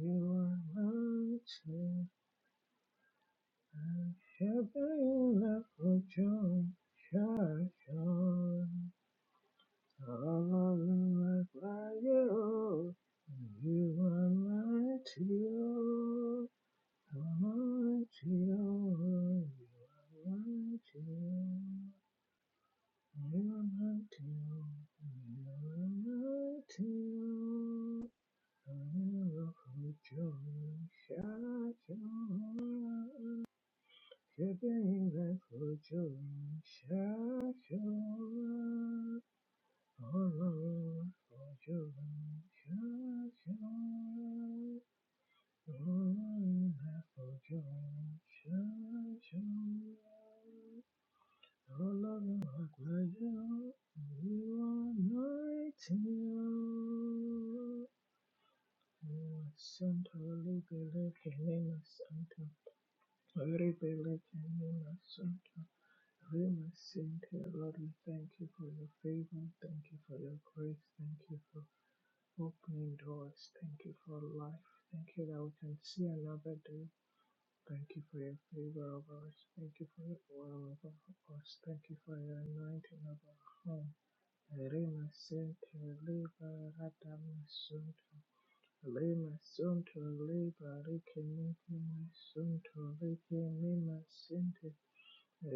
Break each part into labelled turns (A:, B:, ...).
A: You are my shepherd, shepherd in love with you, church on. All of my you, you are my tear, my tear, you are my tear. You are my tear, you are my tear. Nightingale, Santa libele kelema santa libele kelema santa lima santa Lord we thank you for your favor thank you for your grace thank you for opening doors thank you for life thank you that we can see another day thank you for your favor of us thank you for your oil over us thank you for your anointing of our home lima santa libele kelema santa Lemasunto leba reke meke masunto reke me masente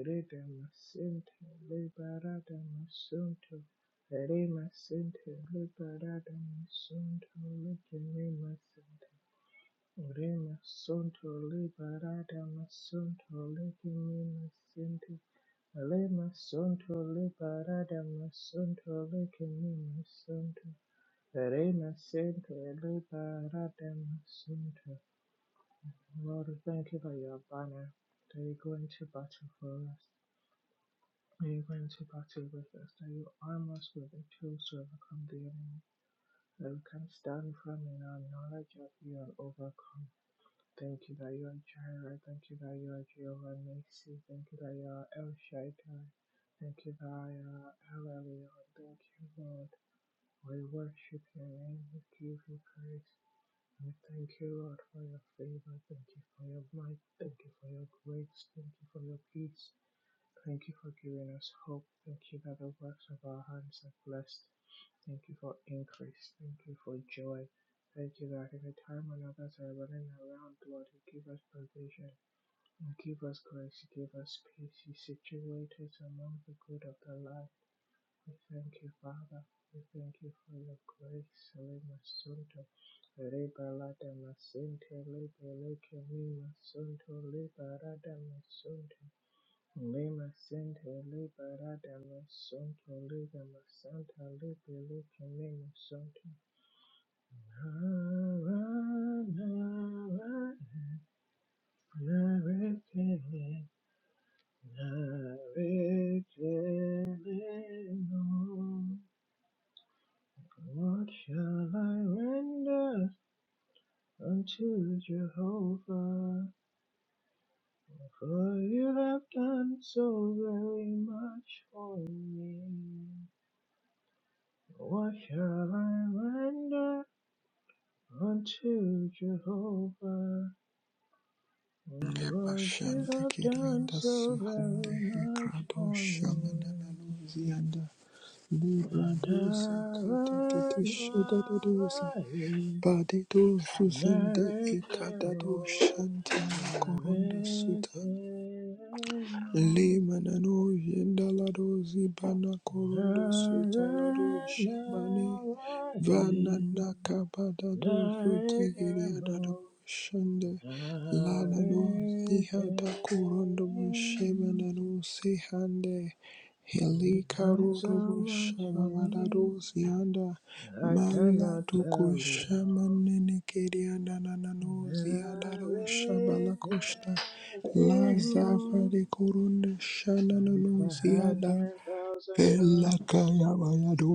A: reda masente leba rada masunto re masente leba rada masunto reke me masente re masunto leba rada masunto reke me masente le masunto leba rada masunto reke me masunto Reina Santa Liberadem Santa. Lord, we thank you for your banner that you go into battle for us. That you go into battle with us. That you arm us with the tools to overcome the enemy. That we can stand firm in our knowledge of you and overcome. Thank you that you are Jireh. Thank you that you are Jehovah Macy. Thank you that you are El Shaddai. Thank you that you are El Elyon. Thank you, Lord. We worship your name. We give you praise. I thank you, Lord, for your favor. Thank you for your might. Thank you for your grace. Thank you for your peace. Thank you for giving us hope. Thank you that the works of our hands are blessed. Thank you for increase. Thank you for joy. Thank you that in a time when others are running around, Lord, you give us provision. You give us grace. You give us peace. You situate us among the good of the life. We thank you, Father. We thank you for your grace. Lema Sunto, Reba Lada Masinte, Leba Leke Lima Sunto, Leba Rada Masunto, Lema Sinte, Leba Rada Masunto, Leba Masanta, Leba Leke Lima Sunto. Narekele, Narekele, no. What shall I render unto Jehovah? For you have done so very much for me. What shall I render unto Jehovah? For you
B: Nepashante
A: have done
B: Kirianda
A: so
B: Suhande
A: very much
B: Hekrado
A: for me.
B: Shamanananuzianda Librado
A: And
B: Sakata
A: I and
B: Titishadadosa
A: I,
B: Padido Susande Ikadado
A: Narekeo,
B: Shantana Korunda Suta
A: narekeo,
B: Limanano Yendalado Zibana Korundo Sutalado Shabane
A: naranarain,
B: Vanana Kabadado Zutegiriadada
A: narekeo,
B: Bushande Ladano
A: narekeo.
B: Zihada Korundo Bushebanano Sihande
A: You've done so
B: Helikarodo
A: much for me,
B: Bushabamadado Zianda
A: I cannot
B: Malado
A: tell it all.
B: Koshamanene Kiriadanano Ziadaro
A: Narekeo.
B: Shabalakoshta La Lazavare korunde
A: And if
B: shananono
A: I had
B: ziada.
A: 10,000 tongues,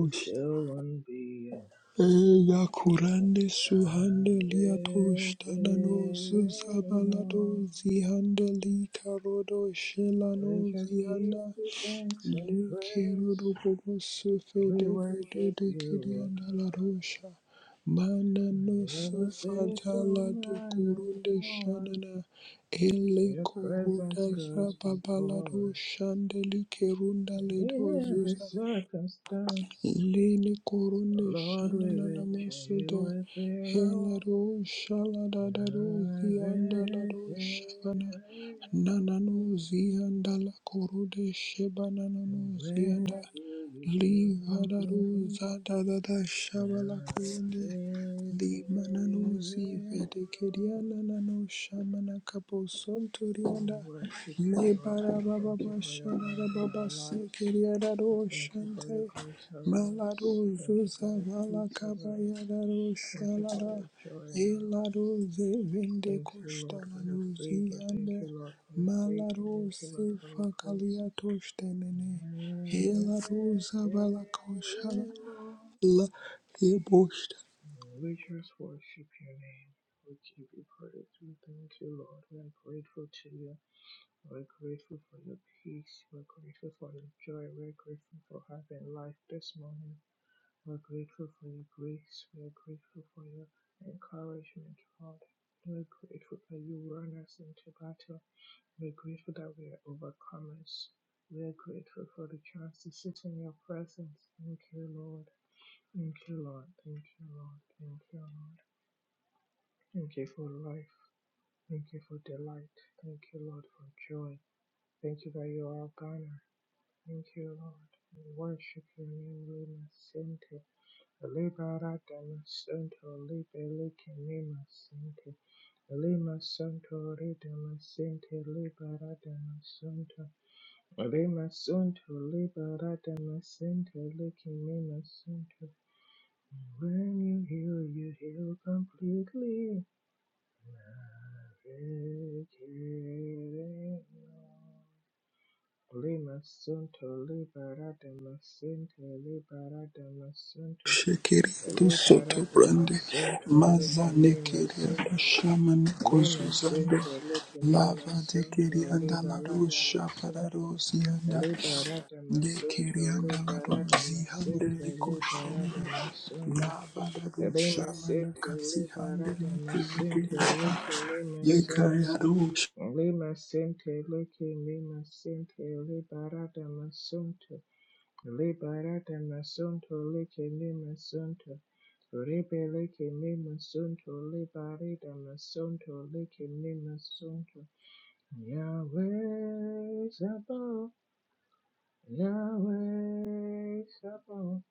A: it still wouldn't be enough.
B: Eyakurande suhande liatosh tanano zuzabalado zihande li karodo shelano
A: We just give
B: zianda.
A: you thanks and
B: Likiruru
A: praise.
B: bubusufe
A: We worship
B: dedede
A: you, O
B: kirianda la
A: God.
B: rosha. Mana no
A: You're the faithful
B: sufatala
A: man of
B: dukurunde
A: war.
B: shanana. Ele
A: Your
B: kuruda
A: presence goes
B: zababala
A: before us.
B: roshande likirunda
A: And
B: ledo
A: in every
B: zuza.
A: circumstance,
B: Lene korone
A: Lord, we
B: shana na na
A: reach you
B: masuda
A: with there.
B: hela ro shala da
A: And
B: da ro zianda la ro shana na na no zianda la korode shebana na no
A: when you
B: zianda
A: feel you feel
B: li hada ro
A: completely
B: za da da da shabala
A: navigated,
B: korone li
A: we
B: manano zi vede keriana na no shamana kapo sontorianda
A: worship you,
B: le
A: Lord.
B: bara
A: We thank you
B: baba
A: for your
B: shana
A: hand in
B: baba
A: our
B: se
A: lives.
B: keriana
A: We
B: ro
A: thank you for your
B: shante
A: grace over
B: Malado
A: us. Thank you for
B: Zuza
A: your peace over
B: Valakaba
A: us.
B: Yadaro
A: Thank you for your
B: Shalara
A: joy in our lives.
B: Elado Zevende
A: Thank you, Lord, for
B: Koshtana
A: your favor. Thank
B: Luzianda
A: you, Lord, for your faith.
B: Malado
A: Thank you, Lord, for your grace.
B: Sefakalia Toshtenene Elado Zavala Koshala La Ebosh
A: We just worship your name. We give you praise. We thank you, Lord. We are grateful to you. We're grateful for your peace. We're grateful for your joy. We're grateful for having life this morning. We're grateful for your grace. We're grateful for your encouragement, Lord. We're grateful that you run us into battle. We're grateful that we are overcomers. We are grateful for the chance to sit in your presence. Thank you, Lord. Thank you, Lord. Thank you, Lord. Thank you, Lord. Thank you for life. Thank you for delight. Thank you, Lord, for joy. Thank you that you are our banner. Thank you, Lord. We worship your name, Lima Sente. Liberata Santo Libele Kinema Sente. Lima Santo Redema Sente Liberata Santo. Be my center, Lima Sunto, Liberata Macinto, my center. When you heal, you heal completely. Be my center, Requerendo. Lima Sunto, Liberata Macinto, Liberata Macinto,
B: Shekeria do soto brande
A: Liberata
B: maza
A: Macinto, my
B: nekeria do
A: center.
B: shama nekozu
A: Lima Center, Lake Lima
B: lava dekeria
A: Center,
B: anda la do
A: Liberata
B: shapara
A: Center,
B: do zianda
A: Liberata
B: nekeria
A: Center,
B: anda la do
A: Liberata
B: zihande
A: Center,
B: leko
A: Liberata
B: shende
A: Center,
B: lava da do
A: Lima
B: shama
A: Center,
B: nakasi hande leko
A: Liberata Center,
B: zekeria
A: Lake
B: da
A: Lima Center,
B: yekaya do
A: Lima Center, Lake Lima Center, Liberata Center. Liberate masunto leke me masunto. Rebe leke me masunto. Liberate masunto leke me masunto. Yahweh Sabaoth. Yahweh Sabaoth.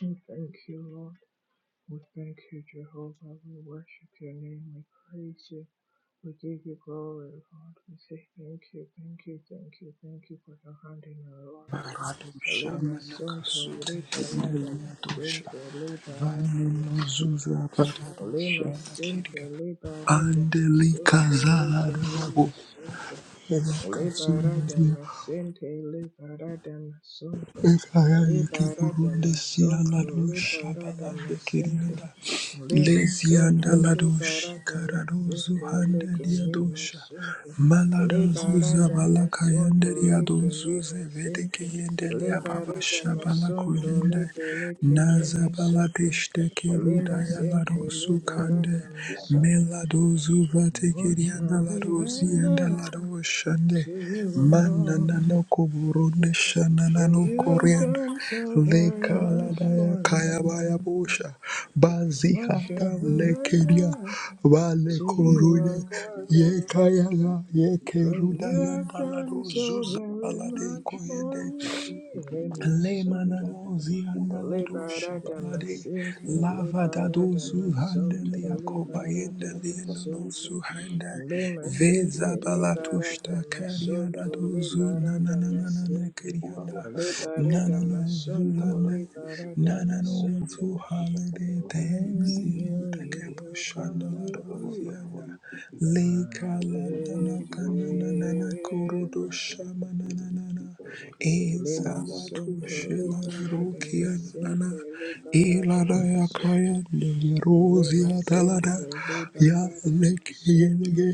A: We thank you, Lord. We thank you, Jehovah. We worship your name. We praise you. We give you glory, Lord. We say thank you, thank you, thank you, thank you for your hand in our lives.
B: shapara do shama
A: Lima Santo,
B: nakasute
A: Ripa
B: hende
A: Lata
B: lea do shama
A: Masente, Liba
B: Vane
A: Rata
B: no
A: Masunto.
B: zuza para do
A: Lima Sente,
B: shama
A: Liba Rata
B: Andelika
A: Masunto, Lake Lima
B: zalarabo
A: Sunto. Liberata
B: elakasunaria
A: masente, liberata masunto,
B: ekayaya
A: liberata
B: keburunde
A: masunto,
B: sialado
A: liberata
B: shabalande
A: masente,
B: kirianda
A: lima
B: lezianda
A: sunto,
B: lado
A: liberata
B: shikarado
A: masente,
B: zuhande
A: leke
B: diadosha
A: masunto,
B: malada zuza
A: liberata masunto,
B: balakayande riado
A: leke
B: zuze vedeke
A: masente,
B: yende liababa
A: liberata
B: shabala
A: masunto,
B: koyende
A: libe masunto,
B: nazabalateshte keruda
A: lima sente,
B: yalado sukande
A: liberata masunto.
B: la dozu
A: What
B: vatekeri anda
A: shall
B: la
A: we
B: dozi anda
A: render?
B: la doshande
A: to you, O
B: mana
A: Lord,
B: nano koburunde shana
A: for
B: nano
A: you have
B: korianda
A: done so very
B: leka la
A: much
B: daya
A: for
B: kaya baya
A: me.
B: bosha
C: Thank
B: bazi
A: What
B: hata
A: shall we
B: lekeria
A: render
B: vale
A: to you,
B: korude
A: O God,
B: ye
A: O,
B: kaya la ye
A: for
B: keruda
A: you
B: yanda
A: have
B: la
A: done
B: dozu
A: so very
B: zala de
A: much for
B: koyende
A: me? Rema Sunta
B: Lemananozi andalado
A: Libera
B: shabalade
A: damascente, libera
B: lavadado
A: damasonto,
B: zuhandelia
A: libera
B: kobayendelia nono
A: damasonto,
B: suhanda
A: damascente,
B: veza
A: libera
B: balatushta
A: damasonto,
B: kariadado zu
A: libera
B: nanananana
A: damascente,
B: kirianda
A: libera
B: nanano
A: damasonto,
B: zulande
A: libera
B: None of to
A: damasonto.
B: holiday
A: When you
B: thanks you
A: heal,
B: take
A: you
B: a
C: you.
A: heal
B: poshana la
A: completely.
B: rosiana le
A: My
B: kala nana kana nana na
A: victory.
B: kurudo shama nana nana
A: Lima
B: ezala tu
A: sunto
B: shila
A: libera
B: rokia
A: dama
B: nana
A: sente libera
B: ilada
A: dama
B: la kaya
A: sunto
B: nene
A: Lima
B: rosia dalada
A: sente
B: ya
A: libera dama
B: leke
A: sunto
B: yenege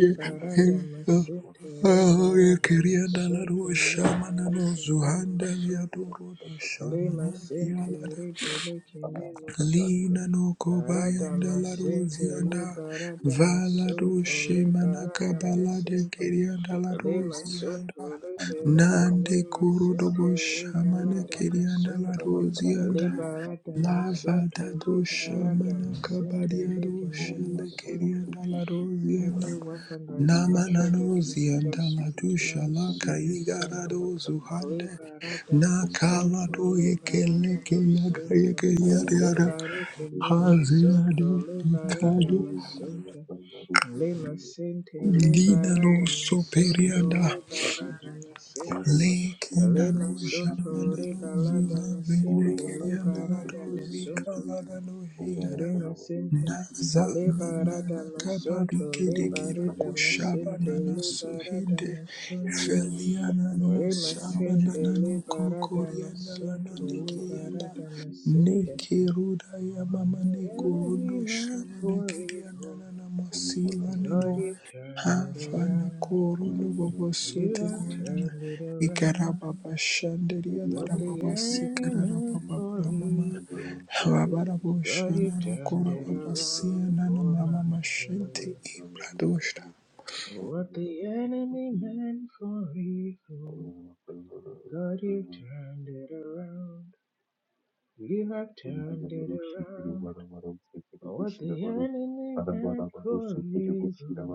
B: ye ye
A: dama
B: ye-
A: sente
C: Thank
B: Oh,
A: libera
B: you
A: dama
B: quería dar la
A: sunto
B: luz, shamana
A: libera
B: no
A: que mimo
B: zuhanda ya
A: sunto
B: duro do shamana
A: Lima sente
B: kialada.
A: libera que mimo sunto
B: Lina no kobayanda
A: Radama
B: la luz
A: sente
B: yanda.
A: libera
C: you.
A: dama
B: Vala do
A: sunto
B: shemana
A: libera
B: kabala de quería dar la luz
A: Lima
B: yanda.
A: Sunto Libelike
B: Nande
A: Mima
B: kuru do bo
A: Sente
B: shamana
A: Liberata
B: quería dar la
A: Masunto
B: luz
A: Liberata
B: Lava da
A: Masunto
B: do
A: Liberata
B: shamana
A: Masente
B: kabaria
A: Like
B: do
A: Mima
B: shele quería
A: Sunto
B: dar la luz
A: Every weapon that is fashioned
B: Namananuzi
A: against
B: and
A: us
B: Aladusha
A: returns to
B: Laka
A: the sender.
B: Yigarado Zuhande
A: Liberata masunto,
B: Nakalado
A: liberata
B: Yekeleke
A: masunto,
B: Yagayeke Yariara
A: libari che mi masunto,
C: Thank
B: Haziade
C: you.
A: libari da
B: Ikado
A: masunto, lima sente,
B: Nina no
A: liberata masunto,
B: Superianda
A: liberata masente, lima sunto, liberata masente, liberata masunto, lima sente, liberata masunto, liberata masente, liberata masunto. Remasente liberata masunto liberata masente.
B: Nekiruda
A: What
B: yamama
A: the enemy
B: nekurundo
A: meant
B: shamana
A: for
B: kiriana
A: evil,
B: na masila
A: God,
B: neno
A: you've turned it
C: Thank you.
B: Havana
A: around.
C: Thank
B: Korono Boboso
A: You
B: de
A: have
B: Yanana
A: turned it around.
B: Ikarababa baba
A: What the
B: Darababa
A: enemy meant
B: Sikarababa
A: for
B: Brahmama
A: evil,
B: Havabarabo
A: God, you've
B: Shanano
A: turned it
B: baba
A: around
B: Sianana
A: for
B: Mama
A: my
B: Mashente
A: good.
B: Ibradoshta
A: What the enemy meant for evil, God, you've
C: you.
A: turned it around. You have
C: Ora
A: turned it around. Oh, What the enemy meant for evil,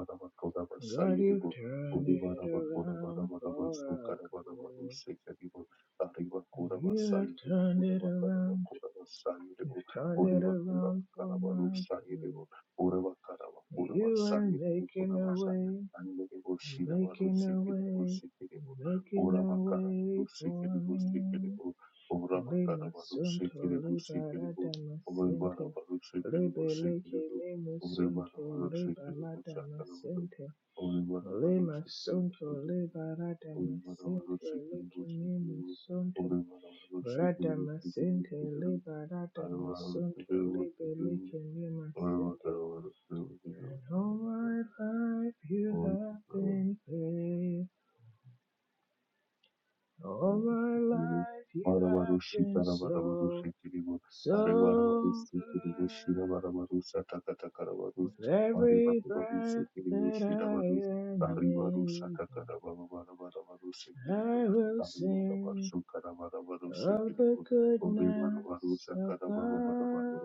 A: God, you've turned it around for our good. You have turned it around. You've turned it around for my good. You are making a way. You're making a way. You're making a
C: bakara mu
A: way
C: rusekere
A: for
C: rwose
A: me.
C: kerebo Obra bakara
A: Lima
C: baru
A: Sunto
C: sekeli bu sekeli
A: Liberada
C: bu. Obra bara
A: Masente
C: baru sekeli bu
A: Libele
C: sekeli bu.
A: Lima
C: Obra bara
A: Sunto
C: baru sekeli bu
A: Liberada
C: sakala bu.
A: Masente
C: Obra bara baru
A: Lima
C: sekeli bu
A: Sunto
C: sekeli bu.
A: Liberada
C: Obra bara baru
A: Masente
C: sekeli bu
A: Liki
C: sekeli
A: Lima
C: bu.
A: Sunto
C: Obra bara baru sekeli
A: Rada
C: bu sekeli
A: Masente
C: bu sekeli bu.
A: Liberada
C: Obra bara baru
A: Masunto
C: sekeli bu sekeli
A: Libele
C: bu.
A: Lima
C: Obra bakara
A: Sente
C: baru
A: All
C: sekeli
A: my life you
C: bu
A: have
C: sekeli bu.
A: been faithful. All
C: Thank
A: my life you have been so. So glad with every breath that I am able, I will sing of the goodness of God.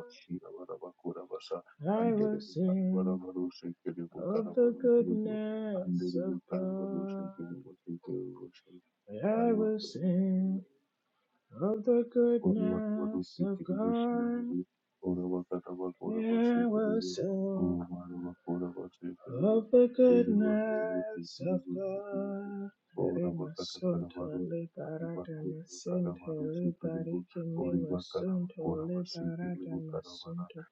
A: I will sing of the goodness of God.
C: you. I
A: I
C: don't
A: will sing
C: know.
A: of the
C: Thank
A: goodness of God. I will sing. of the goodness of God. Remasunto liberata masente liberike mimasunto liberata masunto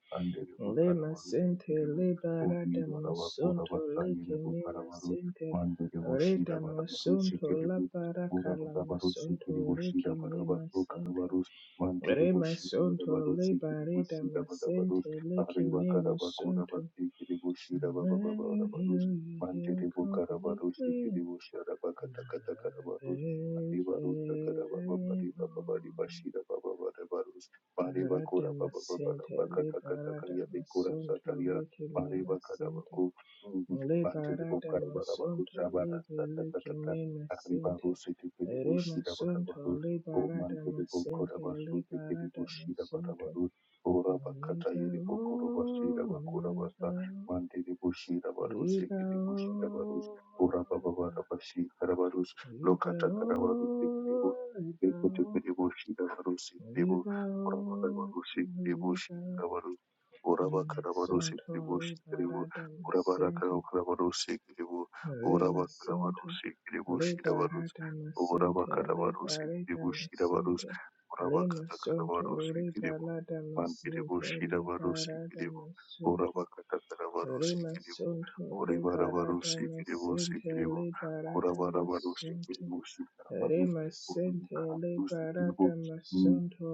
A: lemasente liberata masunto like mimasente rita masunto la paracala masunto like mimasente
C: you. Mandiri Bushiri
A: remasunto
C: Badabarusi
A: liberata
C: Bushira Badabarus
A: masente like
C: Ariba Karabakura
A: mimasunto
C: Bakiri Bushira
A: when you
C: Babarus
A: heal, you heal
C: Mandiri Bukarabarusi
A: completely.
C: Bushara Bakatakata Karabarus Ariba Rusa Karababa Pariba
A: Vegemo.
C: Babari Bashira Baba Badabarus Mariba Kura Baba
A: Radamasente,
C: Bakatakata Kayali Kura
A: liberadamasonto,
C: Sataria Mariba
A: lekememasente.
C: Karabaku Mandiri Bukarabarabarus
A: Liberadamasonto,
C: Sabara Satakata Ariba
A: libelekememasente.
C: Rusi Bushira
A: Remasonto,
C: Babarus O Mantele Bokora
A: liberadamasente,
C: the Kiribushida
A: liberadamasonto.
C: Barabaru, Ora Bakata Yeri Bokoro Basira
A: Libero,
C: Bakura Basa,
A: libero.
C: Mantele Bushida Baruse
A: Eva
C: Kiribushida Barus,
A: o,
C: Ora Baba
A: Eva,
C: Rabashi Karabarus,
A: Eva
C: Lokata Karabaru the Kiribu,
A: o, Eva
C: Ekote Kiribushida Barusi
A: o,
C: Kiribu,
A: Eva
C: Ora
A: o,
C: Barabarusi Kiribushi
A: Eva.
C: Karabaru, Ora
A: Rema
C: Bakarabarusi
A: sunto
C: Kiribushi Kiribu,
A: liberata
C: Ora
A: masente,
C: Barakarabarusi Kiribu, Ora
A: rema sunto
C: Bakarabarusi Kiribushida Barus,
A: liberata masente,
C: Urabakarabarusi
A: liberata
C: Kiribushirabarus
A: masente, rema sunto
C: Urabakatakarabarusi Kiribu
A: liberata masente,
C: Mankiribushirabarusi
A: liberata
C: Kiribu
A: masente.
C: Urabakatakarabarusi Kiribu
A: Rimasonto
C: Uribarabarusi
A: liberatama
C: Kiribusi
A: sente
C: Kiribu Sikiribu,
A: liberatama
C: Urabarabarusi
A: sonto.
C: Kiribusi Karabarus
A: Rimasente
C: Urabakarabarusi Kiribu
A: liberatama sonto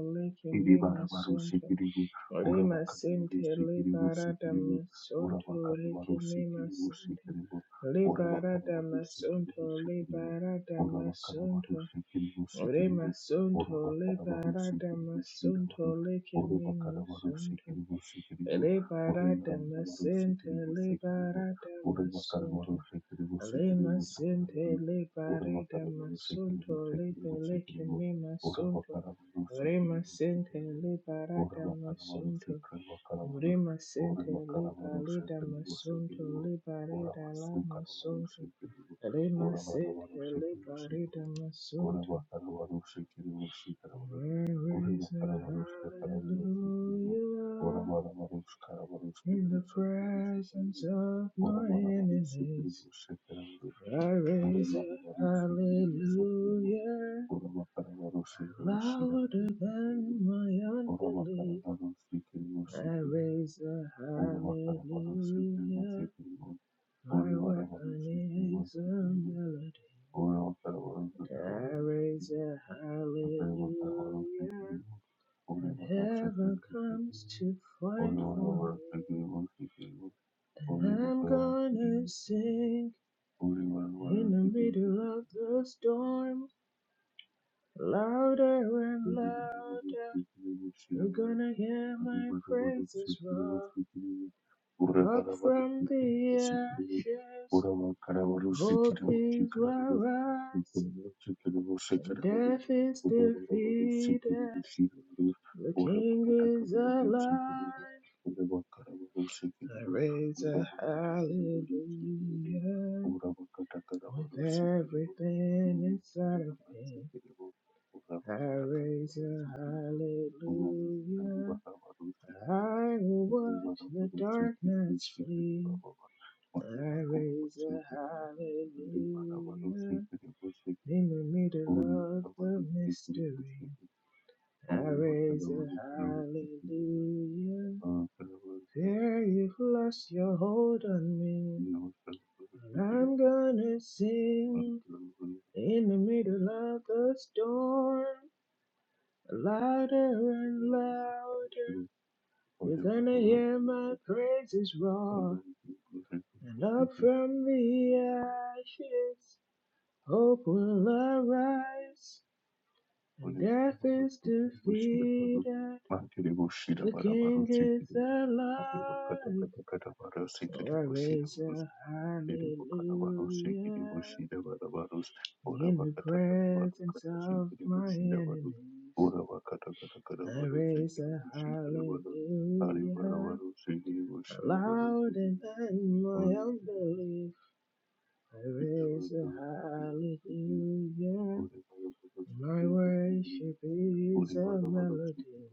C: Iri
A: lekimima sonto.
C: barabarusikiribu,
A: Rimasente
C: urabakarabarusikiribusikiribu,
A: liberatama sonto lekimima sente.
C: urabakarabarusikiribusikiribu,
A: Liberatama sonto
C: urabakarabarusikiribusikiribu,
A: liberatama sonto.
C: urabakarabarusikiribusikiribu, urabakarabarusikiribusikiribu,
A: Rimasonto liberatama sonto lekimima sonto.
C: urabakarabarusikiribusikiribu, urabakarabarusikiribusikiribu,
A: Liberate me, sente,
C: urabakarabarusikiribusikiribu,
A: liberate me, sunto. Lema sente, liberate me, sunto. Liberate
C: urabakarabarusikiribusikiribu,
A: me, me, sunto.
C: Urabakarabarusi
A: Rema
C: kiribusi
A: sente,
C: kiriburi,
A: liberate me,
C: urabakarabarusi
A: sunto.
C: karabakarabarusi,
A: Rema sente,
C: urabakarabarusi
A: liberate me,
C: kiribusi
A: sunto.
C: kiriburi,
A: Liberate la
C: urabasu
A: me,
C: karabarusi
A: sunto.
C: kiriburi,
A: Rema sente,
C: urabarabarusi kiribusi
A: liberate
C: kiriburi,
A: me, sunto.
C: urabakarabarusi kiribusi karaburi,
A: There is a
C: urabakarabarusi karabarusi kiriburi,
A: hallelujah.
C: urabarabarusi karabarusi
A: In the
C: kiribusi kiribusi
A: presence
C: kiriburi,
A: of my
C: urabarabarusi
A: enemies,
C: kiribusi karaburi,
A: I raise a
C: urabarabarusi kiribusi kiriburi,
A: hallelujah.
C: Uravakaravarushira
A: Louder
C: vushirangirire,
A: than my unbelief,
C: uravakaravarushikiri
A: I
C: vushikiri,
A: raise a
C: uravakaravarushikiri
A: hallelujah.
C: vushikiri,
A: My weapon
C: urivaravarishikiri
A: is a
C: vushikiri,
A: melody. I
C: uravakaravarushikiri,
A: raise a
C: akaravakaravarushikiri,
A: hallelujah. And
C: urivaravushikiri
A: heaven comes
C: vushikiri,
A: to fight for me.
C: urivaravarishikiri vushikiri, urivakaravarishikiri vushikiri,
A: And I'm
C: urivaravarishikiri vushikiri, urivaravarishikiri
A: gonna sing In the middle of the storm, louder and louder, you're
C: vushirangirire.
A: gonna hear my
C: Urabatakara
A: praises roar. Up from the ashes, hope is will rise, and death is defeated. The King is alive. I raise a hallelujah with everything inside of me. I raise a hallelujah.
C: Kandi bakaba rushikiriwe,
A: I will
C: kandi
A: watch
C: bakaba
A: the
C: rushikiriwe,
A: darkness
C: shikiri
A: flee.
C: baba ba,
A: I
C: kandi bakaba
A: raise a
C: rushikiriwe, kandi bakaba
A: hallelujah.
C: rushikiriwe, shikiri,
A: In the middle
C: kandi
A: of
C: bakaba
A: the
C: rushikiriwe,
A: mystery.
C: shikiri,
A: I
C: kandi
A: raise
C: bakaba
A: a
C: rushikiriwe, shikiri,
A: hallelujah.
C: ah, bakaba rushikiriwe, shikiri, bakaba rushikiriwe, ah, bakaba rushikiriwe, kandi
A: Fear you've lost your hold on me.
C: bakaba rushikiriwe,
A: And
C: shikiri,
A: I'm gonna sing
C: kandi bakaba
A: in the middle of the storm. Louder and louder.
C: rushikiriwe, ah,
A: You're
C: bakaba
A: gonna
C: rushikiriwe,
A: hear
C: shikiri,
A: my praises roar, and up from the ashes, hope will arise, and
C: Uri bara
A: death
C: bara
A: is
C: sikiri bushira bara
A: defeated.
C: makiri bushira bara bara
A: Looking is
C: sikiri abi bakata
A: alive,
C: kata kata bara
A: I
C: sikiri bushira
A: raise
C: bara
A: a
C: sikiri bukana bara sikiri
A: hallelujah.
C: bushira bara bara ora
A: In the
C: bakata kata bara
A: presence
C: kata
A: of
C: sikiri
A: my
C: bushira bara
A: enemies,
C: ora bakata kata kata
A: I
C: bara
A: raise
C: sikiri
A: a
C: bushira bara ari bara
A: hallelujah.
C: bara sikiri bushira bara
A: louder than
C: sikiri
A: my
C: ora sikiri bara
A: unbelief. I
C: sikiri ora
A: raise a
C: bara
A: hallelujah.
C: bara
A: My
C: sikiri bushira
A: worship is
C: Ore
A: a
C: bada bada
A: melody.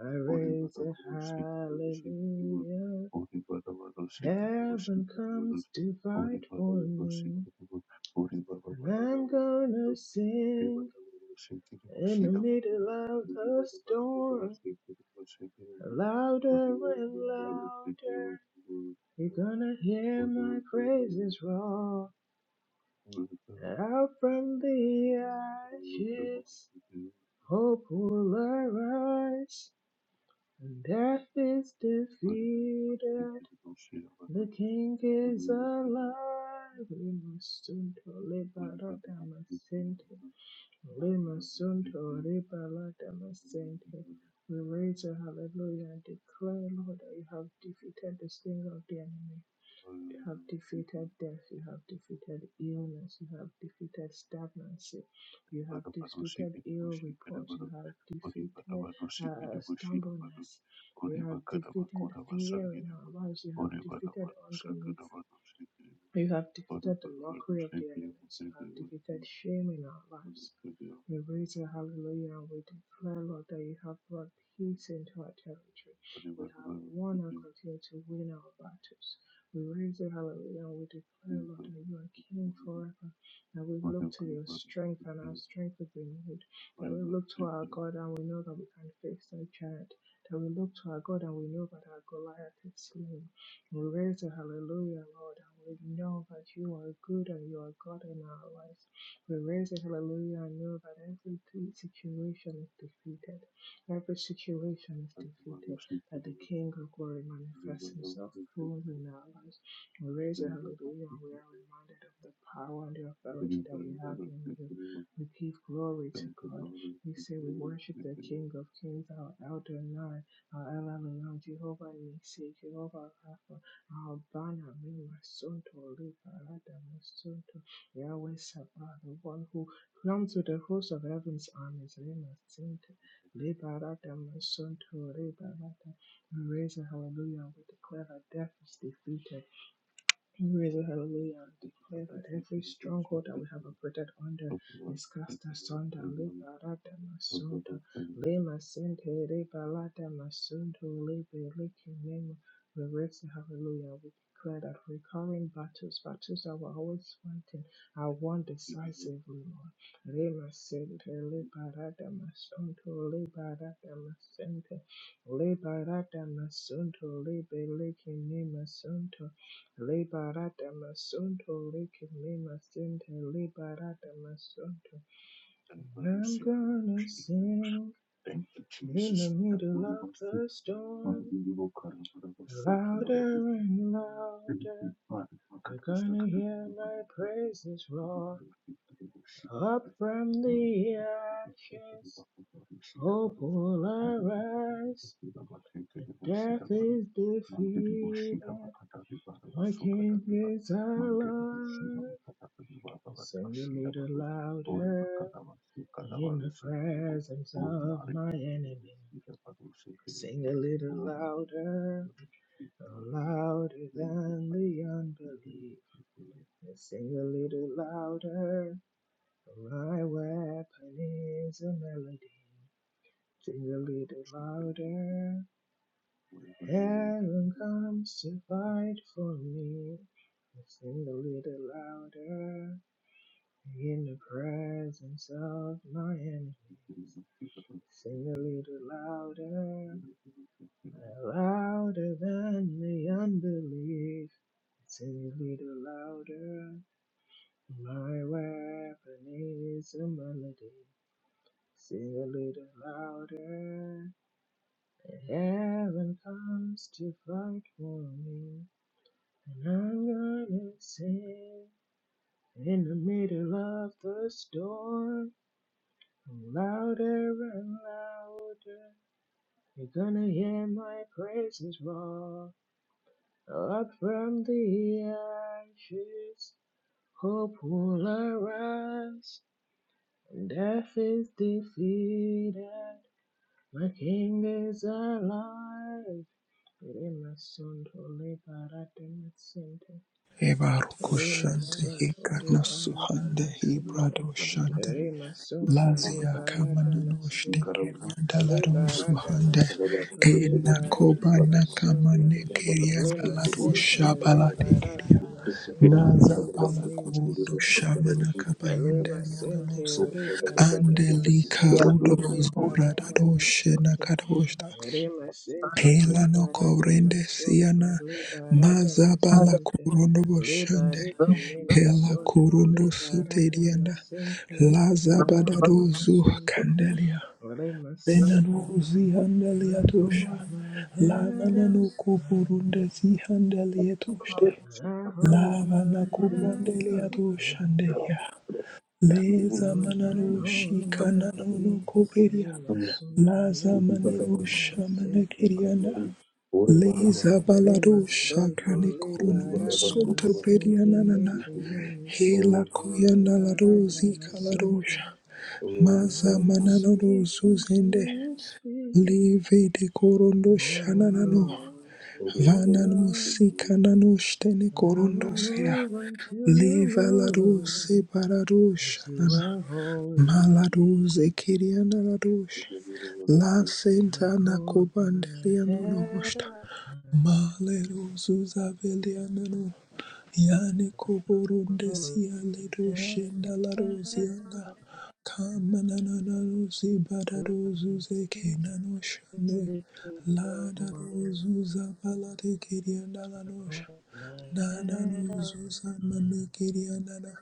A: I
C: Uri vana
A: raise a
C: bada kushekeriwa,
A: hallelujah.
C: uri vana vanoshekerera
A: Heaven
C: voshekererwa,
A: comes to
C: uri
A: fight
C: vana vanoshekerera voshekererwa, uri vana
A: for me.
C: vanoshekererwa, uri vana
A: And
C: vana
A: I'm
C: vavo
A: gonna
C: uri
A: sing
C: vana vanoshekerera
A: in the
C: voshira vanhu,
A: middle of
C: uri
A: the
C: vana vanoshekera
A: storm.
C: voshekerera voshekererwa, uri vana
A: Louder
C: vanoshekerera
A: and
C: voshekererwa, uri vana vanoshekerera
A: louder. You're gonna hear
C: voshekererwa,
A: my praises roar.
C: uri vana vanoshekerera voshira vanhu, uri
A: Out from the
C: vana vanoshekerera
A: ashes. popularized, and death is defeated. The king is
C: voshekererwa.
A: alive. Limasunto
C: Thank
A: libaradamasinti. Limasunto libaradamasinti. We raise a hallelujah and declare, Lord, that you have defeated the sting of the enemy. You have defeated death. You have defeated illness. You have defeated stagnancy. You have defeated ill report. You have defeated uh, stubbornness. You have defeated fear in our lives. You have defeated unbelief. You have defeated the mockery of the enemies. You have defeated shame in our lives. We raise a hallelujah and we declare, Lord, that you have brought peace into our territory. We have won and continue to win our battles. We raise a hallelujah and we declare, Lord, that you are King forever. That we look to your strength and our strength is renewed. That we look to our God and we know that we can face that giant. That we look to our God and we know that our Goliath is slain. We raise a hallelujah, Lord. and We know that you are good and you are God in our lives. We raise a hallelujah and know that every situation is defeated. Every situation is defeated. That the
C: you.
A: King of glory
C: Thank
A: manifests
C: you,
A: himself
C: Jesus.
A: fully in our lives. We raise a hallelujah and we are reminded of the power and the authority that we have in you. We give glory to God. We say we worship the King of Kings, our Elder Nai, our El Elyon, Jehovah Nissi, Jehovah Rapha. Abana mi Masonto Liparada Masonto Yahweh Sabah, the one who belongs to the host of heaven's armies, Remasinte, Liparada Masonto Liparada. We raise a hallelujah and we declare that death is defeated. Praise the hallelujah and declare that every stronghold that we have operated under is cast asunder. Liberata masunto, lema sente, liberata masunto, libe liki nemo. We raise the hallelujah. We declare that recurring battles, battles that we're always fighting, are won decisively, Lord. Lema sente, liberata masunto, liberata masente, liberata masunto, libe liki nemo Liberata masunto, leke me masente, liberata masunto. I'm gonna sing in the middle of
C: Thank
A: the storm, louder and
C: you,
A: louder. You're gonna hear my
C: Jesus.
A: praises roar up from the ashes. Hope will arise. Death is defeated. My King is alive. Sing a little louder in the presence of my enemy. Sing a little louder, louder than the unbelief. Sing a little louder, my weapon is a melody. Sing a little
C: Thank you.
A: louder,
C: Thank you.
A: heaven comes to fight for me. Sing a little louder in the presence of my enemies. Sing a little louder, louder than the unbelief. Sing a little louder, my weapon is a melody. Sing a little louder, heaven comes to fight for me. And I'm gonna sing in the middle of the storm, louder and louder. You're gonna hear my praises roar. Up from the ashes, hope will arise. death is defeated, my King is alive. Rima sunt ole paratem
B: Eva
A: Lema
B: Rukoshante
A: Sonto
B: Hikana
A: Liberata
B: Suhande
A: Masente,
B: Ibradoshante
A: Lema Sonto
B: Lazia
A: Liberata
B: Kamananoshte
A: Masente,
B: Kerandalaro
A: Liberata
B: Suhande
A: Masonto Liberata
B: Enakoba
A: Masonto,
B: Nakamane Keria
A: Lema
B: Dalaro
A: Sente
B: Shabalade
A: Liberata Masonto,
B: Naza
A: Lekime
B: balakurudu
A: Masonto,
B: shamana kapayende
A: Lema
B: yananos
A: Sente Liberata
B: andeli karudo
A: Masonto, Liberata
B: zobradado shena
A: Masonto.
B: kadoshta
A: Rema sente
B: hela no
A: liberata
B: kovrende
A: masonto
B: siana
A: liberata
B: maza
A: masente
B: balakurundo boshande
A: liberate memo
B: hela
A: sonto
B: kurundo
A: liberata
B: soteriana
A: masente
B: laza
A: liberata
B: badado zu
A: masonto
B: kandelia
A: rema sente.
B: benano zihandelia
A: I
B: tosha
A: hold my head
B: lamana
A: up
B: no
A: high.
B: kuburunde
C: Oh,
B: zihandelia toshte
A: I hold
B: Lava
A: my
B: la
A: head
B: cobrandelia
A: up
B: do
A: high.
B: shandelia.
A: So
B: Leza
A: I can
B: manano
A: hold my
B: shikanano no
A: peace.
B: cobelia.
A: Rema sonto
B: Laza manino
A: liberata masente.
B: shamanagiria. Leza
A: Rema
B: balado
A: sonto
B: shakane coronamo
A: liberata
B: sunta
A: masente
B: bredianana.
A: leke memo
B: Hela
A: sonto
B: kuyana la
A: liberata
B: rosi calarosha.
A: I
B: Maza
A: won't
B: manano
A: speak until
B: zuzende.
A: you speak.
B: Leve de corondo
A: I won't
B: shananano.
A: go until you
B: Vanan
A: go.
B: musika nanush tene
A: I won't
B: corondos
A: move until you
B: Leva la
A: move.
B: dulce para
A: 'Cause you
B: dulcanana,
A: are
B: mala
A: holding me.
B: dulce quiriana la dulce, la
A: I
B: senta sentana
A: Hold my
B: cobandeliano
A: head
B: novosta,
A: up. I
B: male rosus abeliana no, yane coborunde
A: Hold
B: sia le
A: my head
B: dulcenda la rosiana,
A: up.
B: camanana la rosi para rosus e kenano
A: Like
B: shande,
A: the
B: la da
A: tree.
B: rosus avalade quiriana la noja,
A: hold my
B: nana
A: head up.
B: rosus amane quiriana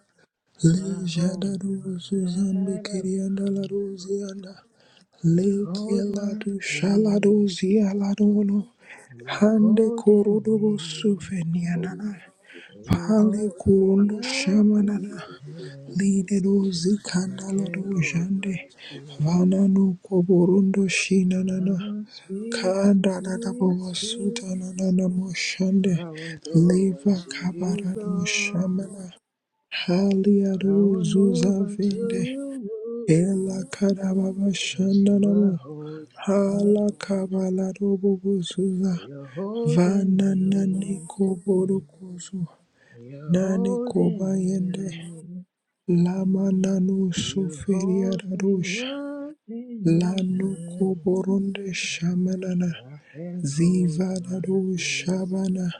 A: I
B: Le jada
A: hold my
B: ruzu zambi
A: head up.
B: kirianda la ruzianda.
A: I
B: Le
A: hold
B: kela
A: my
B: du shala du
A: peace.
B: ziala dono.
A: You're
B: Hande
A: holding
B: kurudu busu
A: me.
C: Thank
B: fenianana.
A: You
B: Pale
A: hold
B: kurundu
A: me up in
B: shamanana.
A: your hands.
B: Lide du
A: And I
B: zikanda la
A: can't
B: du
A: hold
B: jande.
A: my peace.
B: Vana nu koburundu
A: I
B: shinanana.
A: won't speak
B: Kada da
A: until
B: da
A: you speak.
B: bovasuta na na na moshande.
A: I won't go
B: Leva
A: until you
B: kabara du
A: go.
B: shamana.
A: I won't move
B: Haliaruzuza
A: until
B: vende
A: you move.
B: hela karababa
A: Cause you are
B: shandanamo
A: holding
B: hala
A: me.
B: kabala robobuzuza
A: You're holding
B: vana nani
A: me.
B: koborukuzu
A: You're
B: nani
A: holding
B: kobayende
A: me.
B: lama nanu
A: You
B: suferia
A: hold me
B: rarusha
A: up in your
B: lanu
A: hands.
B: koboronde shamanana
A: I can hold my
B: Zivadado
A: peace.
B: Shabana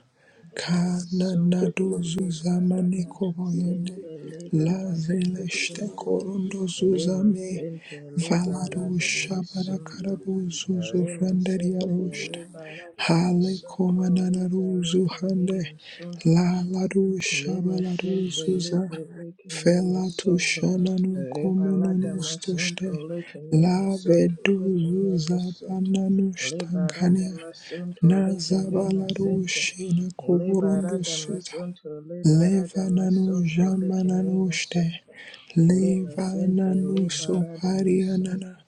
A: to
B: Kananado
A: to liberate.
B: Zuzamane
A: my sin,
B: Koboyene
A: to liberate.
B: Lazeleshte
A: Paradamasonto to.
B: Korondo
A: Lima
B: Zuzame
A: Sente
B: Valado
A: Liberada
B: Shabana
A: Masunto
B: Karabu Zuzu
A: Lima Sente
B: Fenderiaroshte
A: Liberada
B: Hale
A: Masunto Libera
B: Komananaru hande
A: Lima Sunto
B: La Ladu
A: Lima
B: Shabaladu
A: Sinto
B: Zuza
A: Libre Lake Lima
B: Fela
A: Sunto
B: Tushananu
A: Rebalada
B: Komununustoshte
A: Masunto Lake Lima
B: La
A: Sunto
B: Vedu
A: Lake Lima
B: Zuza
A: Sunto
B: Bananu
A: Liberada
B: Shtangania
A: Masunto Lake Lima Sinte
B: Nazabalarushi
A: Liberada
B: nakuburundusuda.
A: Masunto
B: Leva
A: Liberada
B: nanu
A: Masunto
B: jama
A: Lake
B: nanu
A: Lima
B: shte.
A: Sunto Lima
B: Leva
A: Sinte
B: nanu
A: Liberada
B: sopari
A: Masunto
B: anana.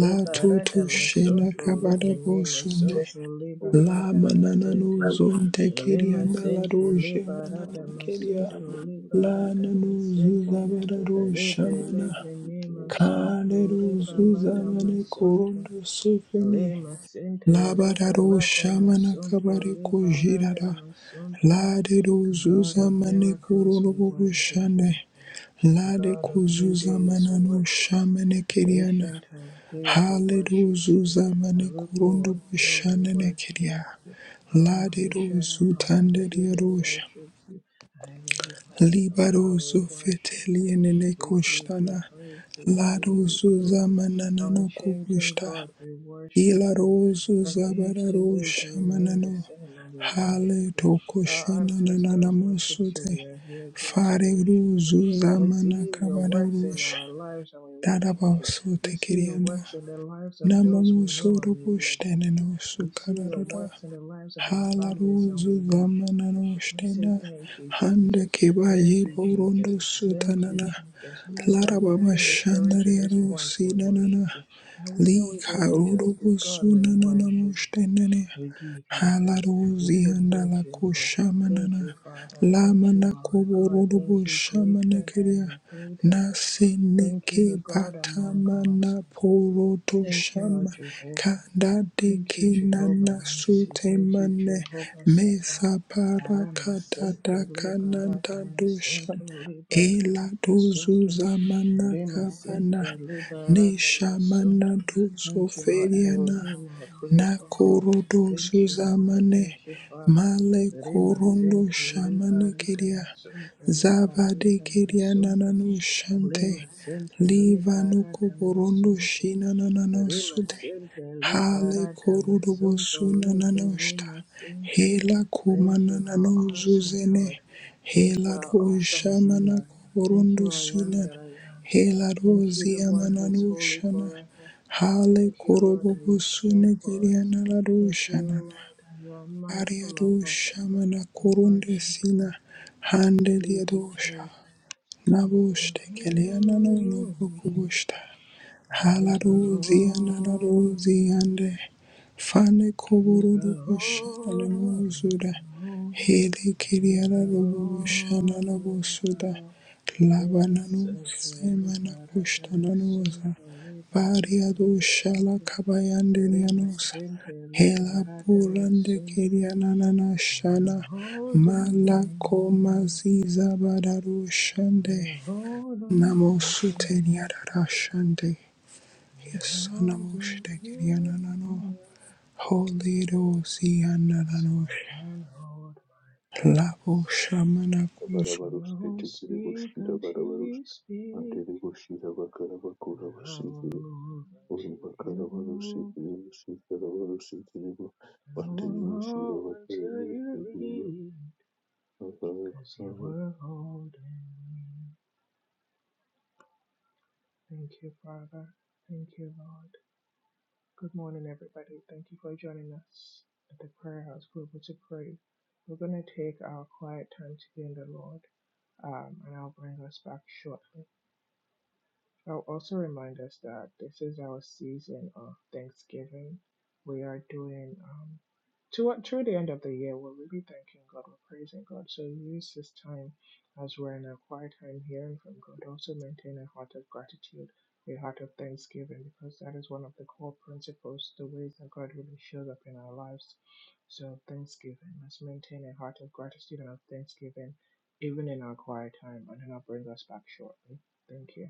B: La tutu shena
A: Masunto
B: kabada
A: Lake
C: you.
A: Lima
B: bosunde.
A: Sunto
B: La
A: Liberada
B: manananu
A: Masinte
B: zonte
A: Lema
B: kiriana la
A: sente
B: roje
A: lebara
B: manana kiria.
A: damasunto
B: La
A: lebara
B: nanu
A: damasente
B: zuzabada
A: rebele
B: roshamana.
A: kenema
B: Kale
A: sunto rebala
B: ruzuza mane
A: damasunto
B: kurundu sufini.
A: lema sente
B: Labadaro
A: lebala
B: shamana
A: damasunto
B: kabare
A: lebara
B: kujirara.
A: masunto
B: Lade
A: God
B: rozuza
A: of
B: mane
A: miracles, we
B: kurorobo
A: worship you.
B: kushane. Lade
A: God of new
B: kuzuza
A: days, we
B: manano
A: worship you.
B: shamane kiriana.
A: Ancient of days, we
B: Hale
A: worship you.
B: rozuza mane kurondo
A: Arugbo Ojo, we
B: bushane ne
A: worship
B: kiria.
A: you.
B: Lade
A: Aramanisha
B: rozu
A: Fayati,
B: tanderia
A: we
B: rosha.
A: worship you. Aile Pada
B: Libaro
A: we worship you.
B: zofeteliene ne
A: We give you
B: kushtana.
A: praise, we give
B: Lado
C: Bandere
A: you
B: zuza
A: glory.
B: manana no
A: Unchanging
B: kubushta.
A: God, we worship you.
B: Ilaroso
A: From age to
B: Zabararo
A: age, you remain the
B: Shamanano
A: same, and we worship
B: Hale
A: you. Our
B: Tokoshena
A: ancestors worshipped you.
B: Nanamosute
A: We are here again to
B: Fare
A: worship you.
B: Ruzu
A: We
B: Zamana
A: see your works in
B: Kabarosha
A: our lives and we worship you.
B: Darabaso
A: We see your
B: Tekiriana
A: works in the lives of those we know
B: Namamuso
A: and we worship you.
B: Robushteno
A: We see your
B: Sukarada
A: works in the lives of our families and we
B: Halaruzu
A: worship you.
B: Zamanano
A: We say
B: Shtena
A: thank you,
B: Hande
A: Jesus. Thank
B: Kibaye
A: you, Jesus.
B: Borondo
A: Thank you,
B: Sutanana
A: Jesus. Who would have
B: Larababa
A: written the story to this
B: Shandariaro
A: point? We worship
B: Sinanana
A: you. That we know
B: Li
A: we've only just
B: karodo
A: begun. We
B: busuna na na
A: worship you.
B: namoshtene
A: We give you praise. We
B: halarozi
A: say thank
B: andala
A: you, Lord. Thank
B: koshamanana. la kushamanana
A: you, Father. Thank you,
B: lamana
A: Lord God. Thank you,
B: kuburubushama
A: greater than
B: keria
A: the greatest.
B: nase
A: Thank you,
B: neke
A: the God
B: bata
A: among gods.
B: mana poroto
A: Thank you, our
B: shama
A: Jehovah.
B: kanda
A: Thank you,
B: deke
A: Jehovah
B: nana
A: Nisi.
B: sute
A: Thank you,
B: mane
A: Jehovah Sabah.
B: mesa para
A: Arama
B: kata
A: sete liberata
B: dakananda
A: masunto liberata
B: Ela dozu
A: masunto
B: zamana kabana
A: Remasente liberata masonto.
B: neshamana dozo
A: Thank you, our
B: feriana
A: Elohim, our Creator God.
B: nakoro
A: Thank
B: dozu
A: you, Lord.
B: zamane
A: Thank you, Father.
B: male korondo
A: Remasente
B: shamane
A: liberata
B: keria
A: masonto.
B: zabade
A: Liberata
B: keria
A: masonto.
B: nanano shante
A: Remasente
B: liva no
A: liberata
B: koborondo
A: masonto.
B: shina nanano sude
A: Remasente
B: hale
A: liberata
B: korodo bosu
A: masonto. Leke
B: nanano shta
A: remasente.
B: hela
A: Thank
B: kumana
A: you, our
B: nanano
A: awesome God.
B: zuzene
A: Thank you, our
B: Helado
A: awesome
B: Shamana
A: healer. Thank
B: Korondo
A: you, I am
B: Sunan
A: that I am. Thank
B: Helado
A: you, the one who is
B: Ziamanano
A: holy
B: Shana
A: forever.
B: Hale
A: Thank you, Lord, that
B: Korobobo
A: you care for us.
B: Sunegiriana Lado
A: Thank you,
B: Shanana
A: Lord, that you are mindful
B: Ariado
A: of us.
B: Shamana
A: We
B: Korunde
A: worship you.
B: Sina
A: We give you
B: Handeliadosha
A: praise. You are
B: Naboshte
A: holy God.
B: Keleana no
A: You are holy
B: Nobokubushta Halaruzi
A: God.
B: ananaruzi ande fane
A: You
B: kobororo bushana
A: are
B: namuzura
A: holy God.
B: hele kiriara robu bushana
A: Liberum,
B: nabusuda
A: liberum, lima
B: labana
A: sente,
B: nusemana
A: liberata
B: kushtana nuza
A: masunto,
B: bari
A: liberita
B: adushala
A: masente,
B: kabayande
A: lima
B: nianusa
A: sente,
B: hela
A: liberata
B: burande
A: masunto.
B: kiriana
A: You're
B: nanashana
A: holding
B: malako
A: me,
B: maziza badarushande
A: you hold on
B: namosute
A: hands,
B: niarashande
A: you
B: Yes,
A: hold me you,
B: Namo Holy Rosi
A: so I
B: Anananosha.
A: can hold my
B: Labo
A: peace.
B: Shamanakus.
A: I won't speak until you speak.
C: boshira bakaba
A: I will move until you move. and I will go until you lead, Cause you were holding me. Thank you, Father. Thank you, Lord. Good morning, everybody. Thank you for joining us at the prayer house global to pray. We're going to take our quiet time to be in the Lord, um, and I'll bring us back shortly. I'll also remind us that this is our season of Thanksgiving. We are doing um to through the end of the year, we're really thanking God, we're praising God. So use this time as we're in a quiet time hearing from God. Also maintain a heart of gratitude, a heart of thanksgiving, because that is one of the core principles, the ways that God really shows up in our lives. So thanksgiving. Let's maintain a heart of gratitude and of thanksgiving even in our quiet time and then I'll bring us back shortly. Thank you.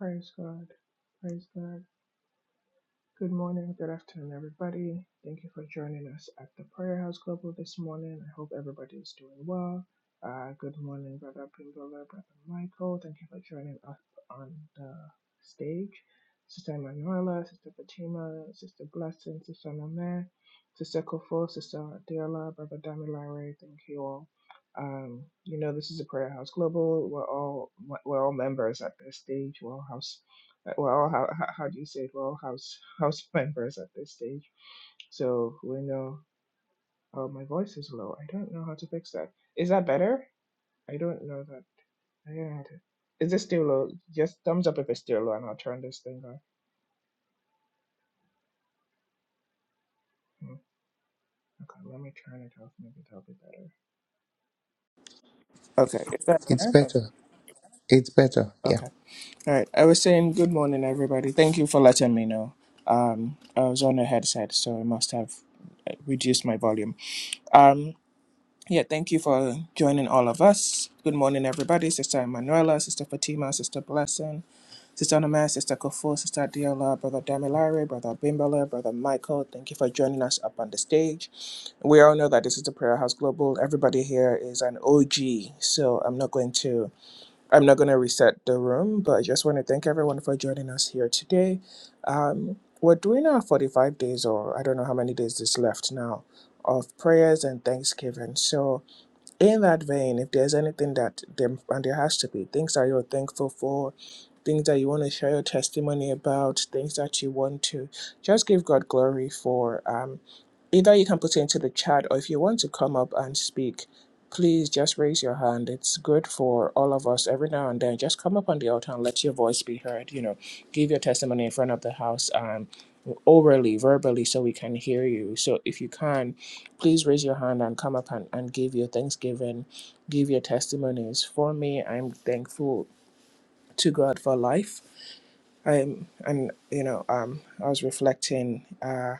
A: Praise God. Praise God. Good morning, good afternoon, everybody. Thank you for joining us at the Prayer House Global this morning. I hope everybody is doing well. Uh, good morning, Brother Pimbola, Brother Michael. Thank you for joining us on the stage. Sister Emanuela, Sister Fatima, Sister Blessing, Sister Nome, Sister Kofo, Sister Adela, Brother Damilare. Thank you all. Um, you know, this is a Prayer House Global. We're all we're all members at this stage. We're all house uh, we're all hou- how, how do you say it? We're all house house members at this stage, so we know. Oh, my voice is low. I don't know how to fix that. Is that better? I don't know that. I don't know how to. Is this still low? Just thumbs up if it's still low, and I'll turn this thing off. Hmm, Okay, let me turn it off. Maybe that'll be better. Okay, is that
B: It's
A: better?
B: better. It's better. Yeah.
A: Okay. All right. I was saying good morning, everybody. Thank you for letting me know. Um, I was on a headset, so I must have uh, reduced my volume. Um. Yeah, thank you for joining all of us. Good morning, everybody. Sister Emanuela, Sister Fatima, Sister Blessing, Sister Anama, Sister Kofu, Sister Diola, Brother Damilare, Brother Bimbala, Brother Michael. Thank you for joining us up on the stage. We all know that this is the Prayer House Global. Everybody here is an OG, so I'm not going to I'm not going to reset the room, but I just want to thank everyone for joining us here today. Um, we're doing our 45 days, or I don't know how many days is left now, of prayers and thanksgiving. So in that vein, if there's anything that there and there has to be things that you're thankful for, things that you want to share your testimony about, things that you want to just give God glory for. Um, either you can put it into the chat, or if you want to come up and speak, please just raise your hand. It's good for all of us every now and then. Just come up on the altar and let your voice be heard. You know, give your testimony in front of the house. and orally, verbally, so we can hear you. So if you can, please raise your hand and come up and, and give your thanksgiving, give your testimonies. For me, I'm thankful to God for life. I'm and you know, um I was reflecting uh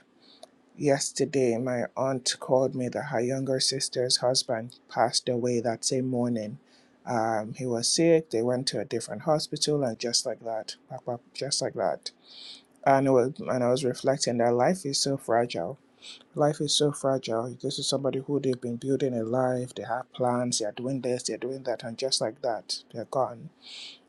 A: yesterday my aunt called me that her younger sister's husband passed away that same morning. Um, he was sick, they went to a different hospital and just like that, pop, pop, just like that. And, it was, and I was reflecting that life is so fragile Life is so fragile. This is somebody who they've been building a life, they have plans, they are doing this, they're doing that, and just like that, they're gone.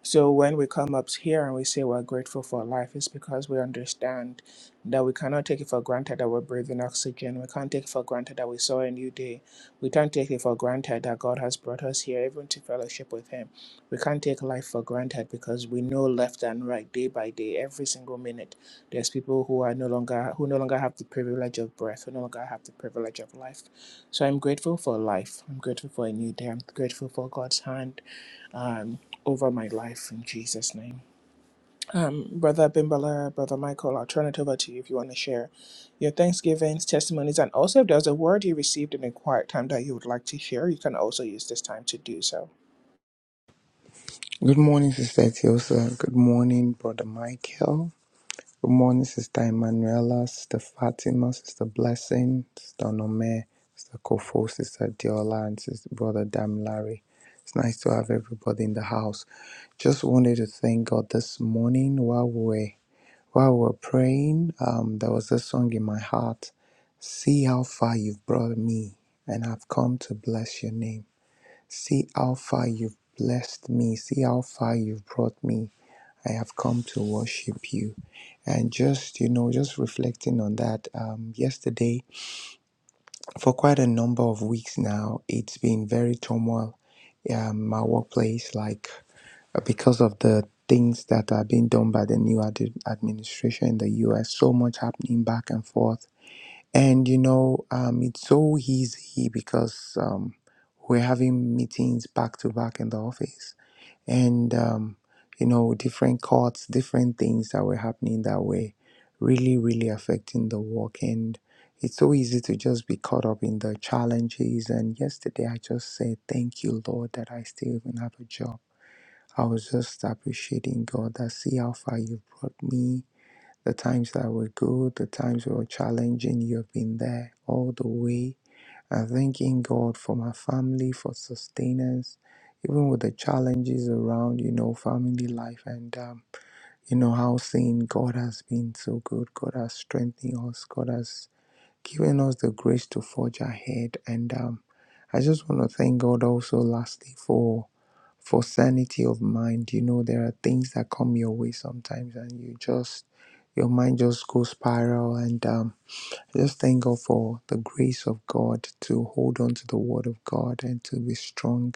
A: So when we come up here and we say we're grateful for life, it's because we understand that we cannot take it for granted that we're breathing oxygen. We can't take it for granted that we saw a new day. We can't take it for granted that God has brought us here, even to fellowship with Him. We can't take life for granted because we know left and right, day by day, every single minute. There's people who are no longer who no longer have the privilege of breath, who no longer have the privilege of life. So I'm grateful for life. I'm grateful for a new day. I'm grateful for God's hand um, over my life in Jesus' name. Um, Brother Bimbala, Brother Michael, I'll turn it over to you if you want to share your thanksgivings, testimonies, and also if there's a word you received in a quiet time that you would like to share, you can also use this time to do so.
B: Good morning, Sister Etiosa. Good morning, Brother Michael. Good morning, Sister Emanuela, Sister Fatima, Sister Blessing, Sister Nome, Sister Kofo, Sister Diola, and Sister Brother Dam Larry. It's nice to have everybody in the house. Just wanted to thank God this morning while we were While we were praying, um, there was this song in my heart See how far you've brought me, and I've come to bless your name. See how far you've blessed me. See how far you've brought me. I have come to worship you. And just, you know, just reflecting on that, um, yesterday, for quite a number of weeks now, it's been very turmoil um, my workplace. Like uh, because of the things that are being done by the new ad- administration in the US. So much happening back and forth. And, you know, um, it's so easy because um, we're having meetings back to back in the office. And, um, you know, different courts, different things that were happening that were really, really affecting the work. And it's so easy to just be caught up in the challenges. And yesterday I just said, thank you, Lord, that I still even have a job I was just appreciating God that see how far you brought me. The times that were good, the times that were challenging, you've been there all the way. And thanking God for my family, for sustenance, even with the challenges around, you know, family life and, um, you know, how seeing God has been so good. God has strengthened us. God has giving us the grace to forge ahead. And um, I just want to thank God also, lastly, for for sanity of mind. You know, there are things that come your way sometimes, and you just your mind just goes spiral. And um, I just thank God for the grace of God to hold on to the Word of God and to be strong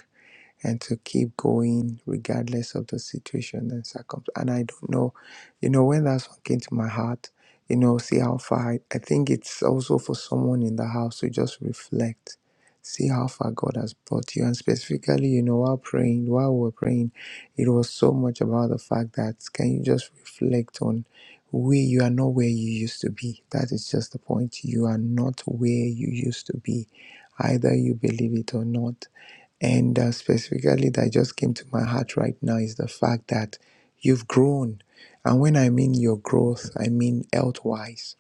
B: and to keep going regardless of the situation and circumstance. And I don't know, you know, when that song came to my heart, you know, see how far. I, I think it's also for someone in the house to just reflect, see how far God has brought you. And specifically, you know, while praying, while we were praying, it was so much about the fact that can you just reflect on where you are not where you used to be. That is just the point. You are not where you used to be, either you believe it or not and uh, specifically, that just came to my heart right now is the fact that you've grown. And when I mean your growth, I mean health wise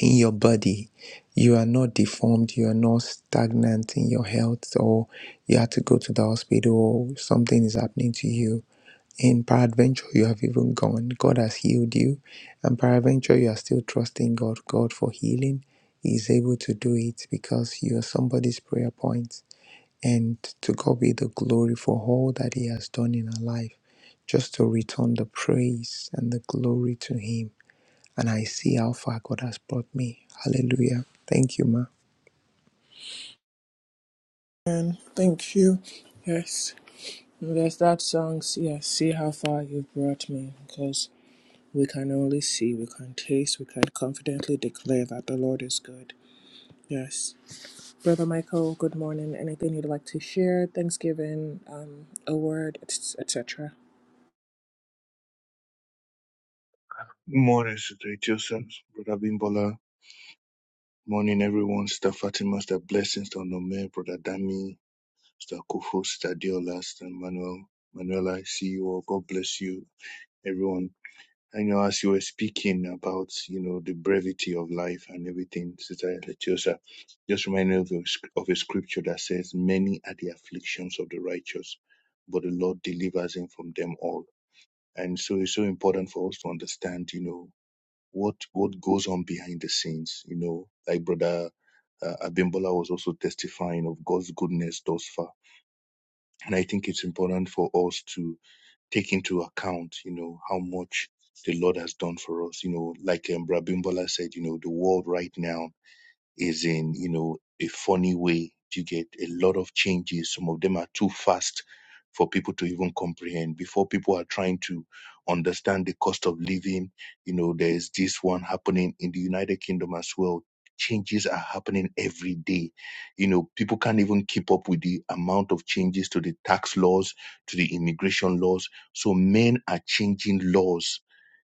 B: in your body. You are not deformed, you are not stagnant in your health, or you had to go to the hospital, or something is happening to you. In peradventure, you have even gone. God has healed you. And peradventure, you are still trusting God. God for healing He is able to do it because you are somebody's prayer point and to God be the glory for all that He has done in our life, just to return the praise and the glory to Him. And I see how far God has brought me. Hallelujah. Thank you, ma.
A: And thank you. Yes, there's that song, s- yeah, See How Far You've Brought Me, because we can only see, we can taste, we can confidently declare that the Lord is good. Yes. Brother Michael, good morning. Anything you'd like to share? Thanksgiving, um, a word, etc.
C: Morning, Sister Joseph, Brother Bimbola. Morning, everyone. Sister Fatima, Sister Blessings, Sister Nome, Brother Dami, Sister Kufu, Sister Diola, Sister Manuel. Manuel, I see you all. God bless you, everyone. I know as you were speaking about, you know, the brevity of life and everything, Sister Letiosa. just remind me of a, sc- of a scripture that says, Many are the afflictions of the righteous, but the Lord delivers him from them all. And so it's so important for us to understand, you know, what what goes on behind the scenes. You know, like Brother uh, Abimbola was also testifying of God's goodness thus far, and I think it's important for us to take into account, you know, how much the Lord has done for us. You know, like um, Brother Abimbola said, you know, the world right now is in, you know, a funny way. You get a lot of changes. Some of them are too fast for people to even comprehend. Before people are trying to understand the cost of living, you know, there's this one happening in the United Kingdom as well. Changes are happening every day. You know, people can't even keep up with the amount of changes to the tax laws, to the immigration laws. So men are changing laws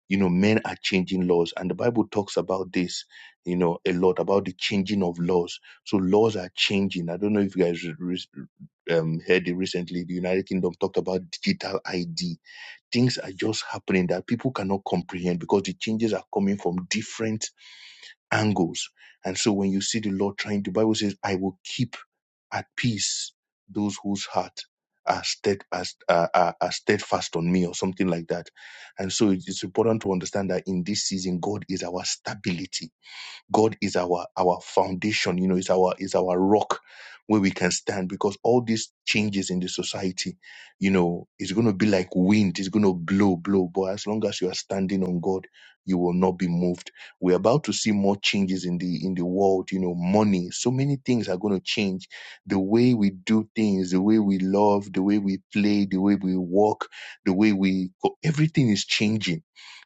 C: you know men are changing laws and the bible talks about this you know a lot about the changing of laws so laws are changing i don't know if you guys re- um, heard it recently the united kingdom talked about digital id things are just happening that people cannot comprehend because the changes are coming from different angles and so when you see the law trying the bible says i will keep at peace, those whose heart are, stead, are, are, are steadfast on me, or something like that. And so it- it's important to understand that in this season, God is our stability. God is our our foundation, you know, is our is our rock where we can stand because all these changes in the society, you know, is gonna be like wind, it's gonna blow, blow. But as long as you are standing on God, you will not be moved. We're about to see more changes in the in the world, you know, money. So many things are gonna change. The way we do things, the way we love, the way we play, the way we walk, the way we go, everything is changing.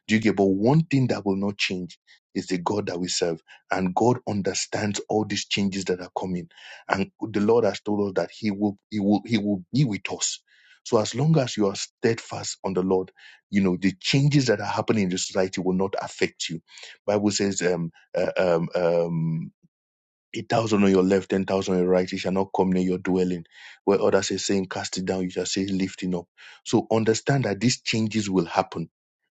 C: Do you get? But one thing that will not change is the God that we serve and God understands all these changes that are coming. And the Lord has told us that He will, He will, He will be with us. So as long as you are steadfast on the Lord, you know the changes that are happening in the society will not affect you. Bible says, um, uh, um, um, eight thousand on your left, ten thousand on your right, it shall not come near your dwelling. Where others are saying, cast it down, you shall say, lifting up. So understand that these changes will happen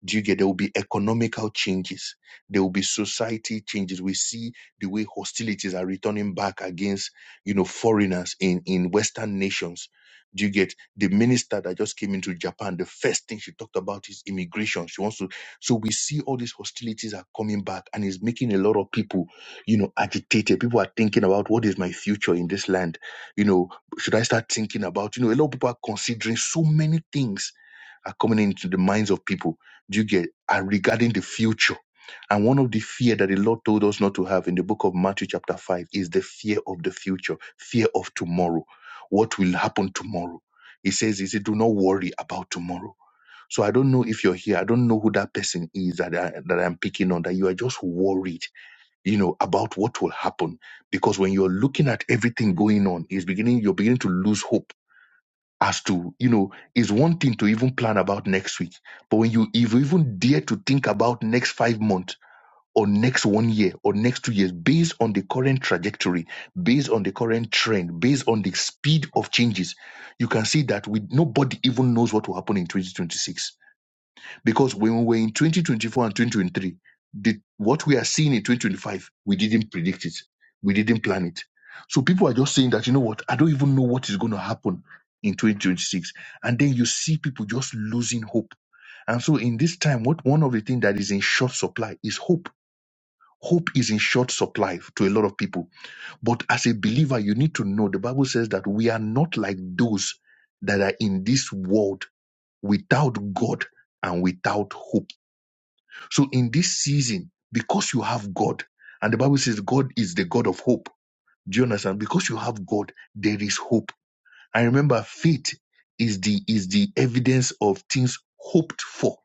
C: do you get there will be economical changes? There will be society changes. We see the way hostilities are returning back against, you know, foreigners in, in Western nations. Do you get the minister that just came into Japan? The first thing she talked about is immigration. She wants to, so we see all these hostilities are coming back and it's making a lot of people, you know, agitated. People are thinking about what is my future in this land? You know, should I start thinking about, you know, a lot of people are considering so many things are coming into the minds of people. Do you get are regarding the future? And one of the fear that the Lord told us not to have in the book of Matthew chapter five is the fear of the future, fear of tomorrow. What will happen tomorrow? He says, He said, do not worry about tomorrow." So I don't know if you're here. I don't know who that person is that I, that I'm picking on. That you are just worried, you know, about what will happen because when you're looking at everything going on, it's beginning. You're beginning to lose hope as to you know it's one thing to even plan about next week but when you if you even dare to think about next five months or next one year or next two years based on the current trajectory based on the current trend based on the speed of changes you can see that we nobody even knows what will happen in 2026 because when we were in 2024 and 2023, the, what we are seeing in 2025, we didn't predict it. We didn't plan it. So people are just saying that, you know what, I don't even know what is going to happen in 2026. And then you see people just losing hope. And so in this time, what one of the things that is in short supply is hope. Hope is in short supply to a lot of people. But as a believer, you need to know the Bible says that we are not like those that are in this world without God and without hope. So in this season, because you have God, and the Bible says God is the God of hope. Do you understand? Because you have God, there is hope. And remember, faith is the is the evidence of things hoped for.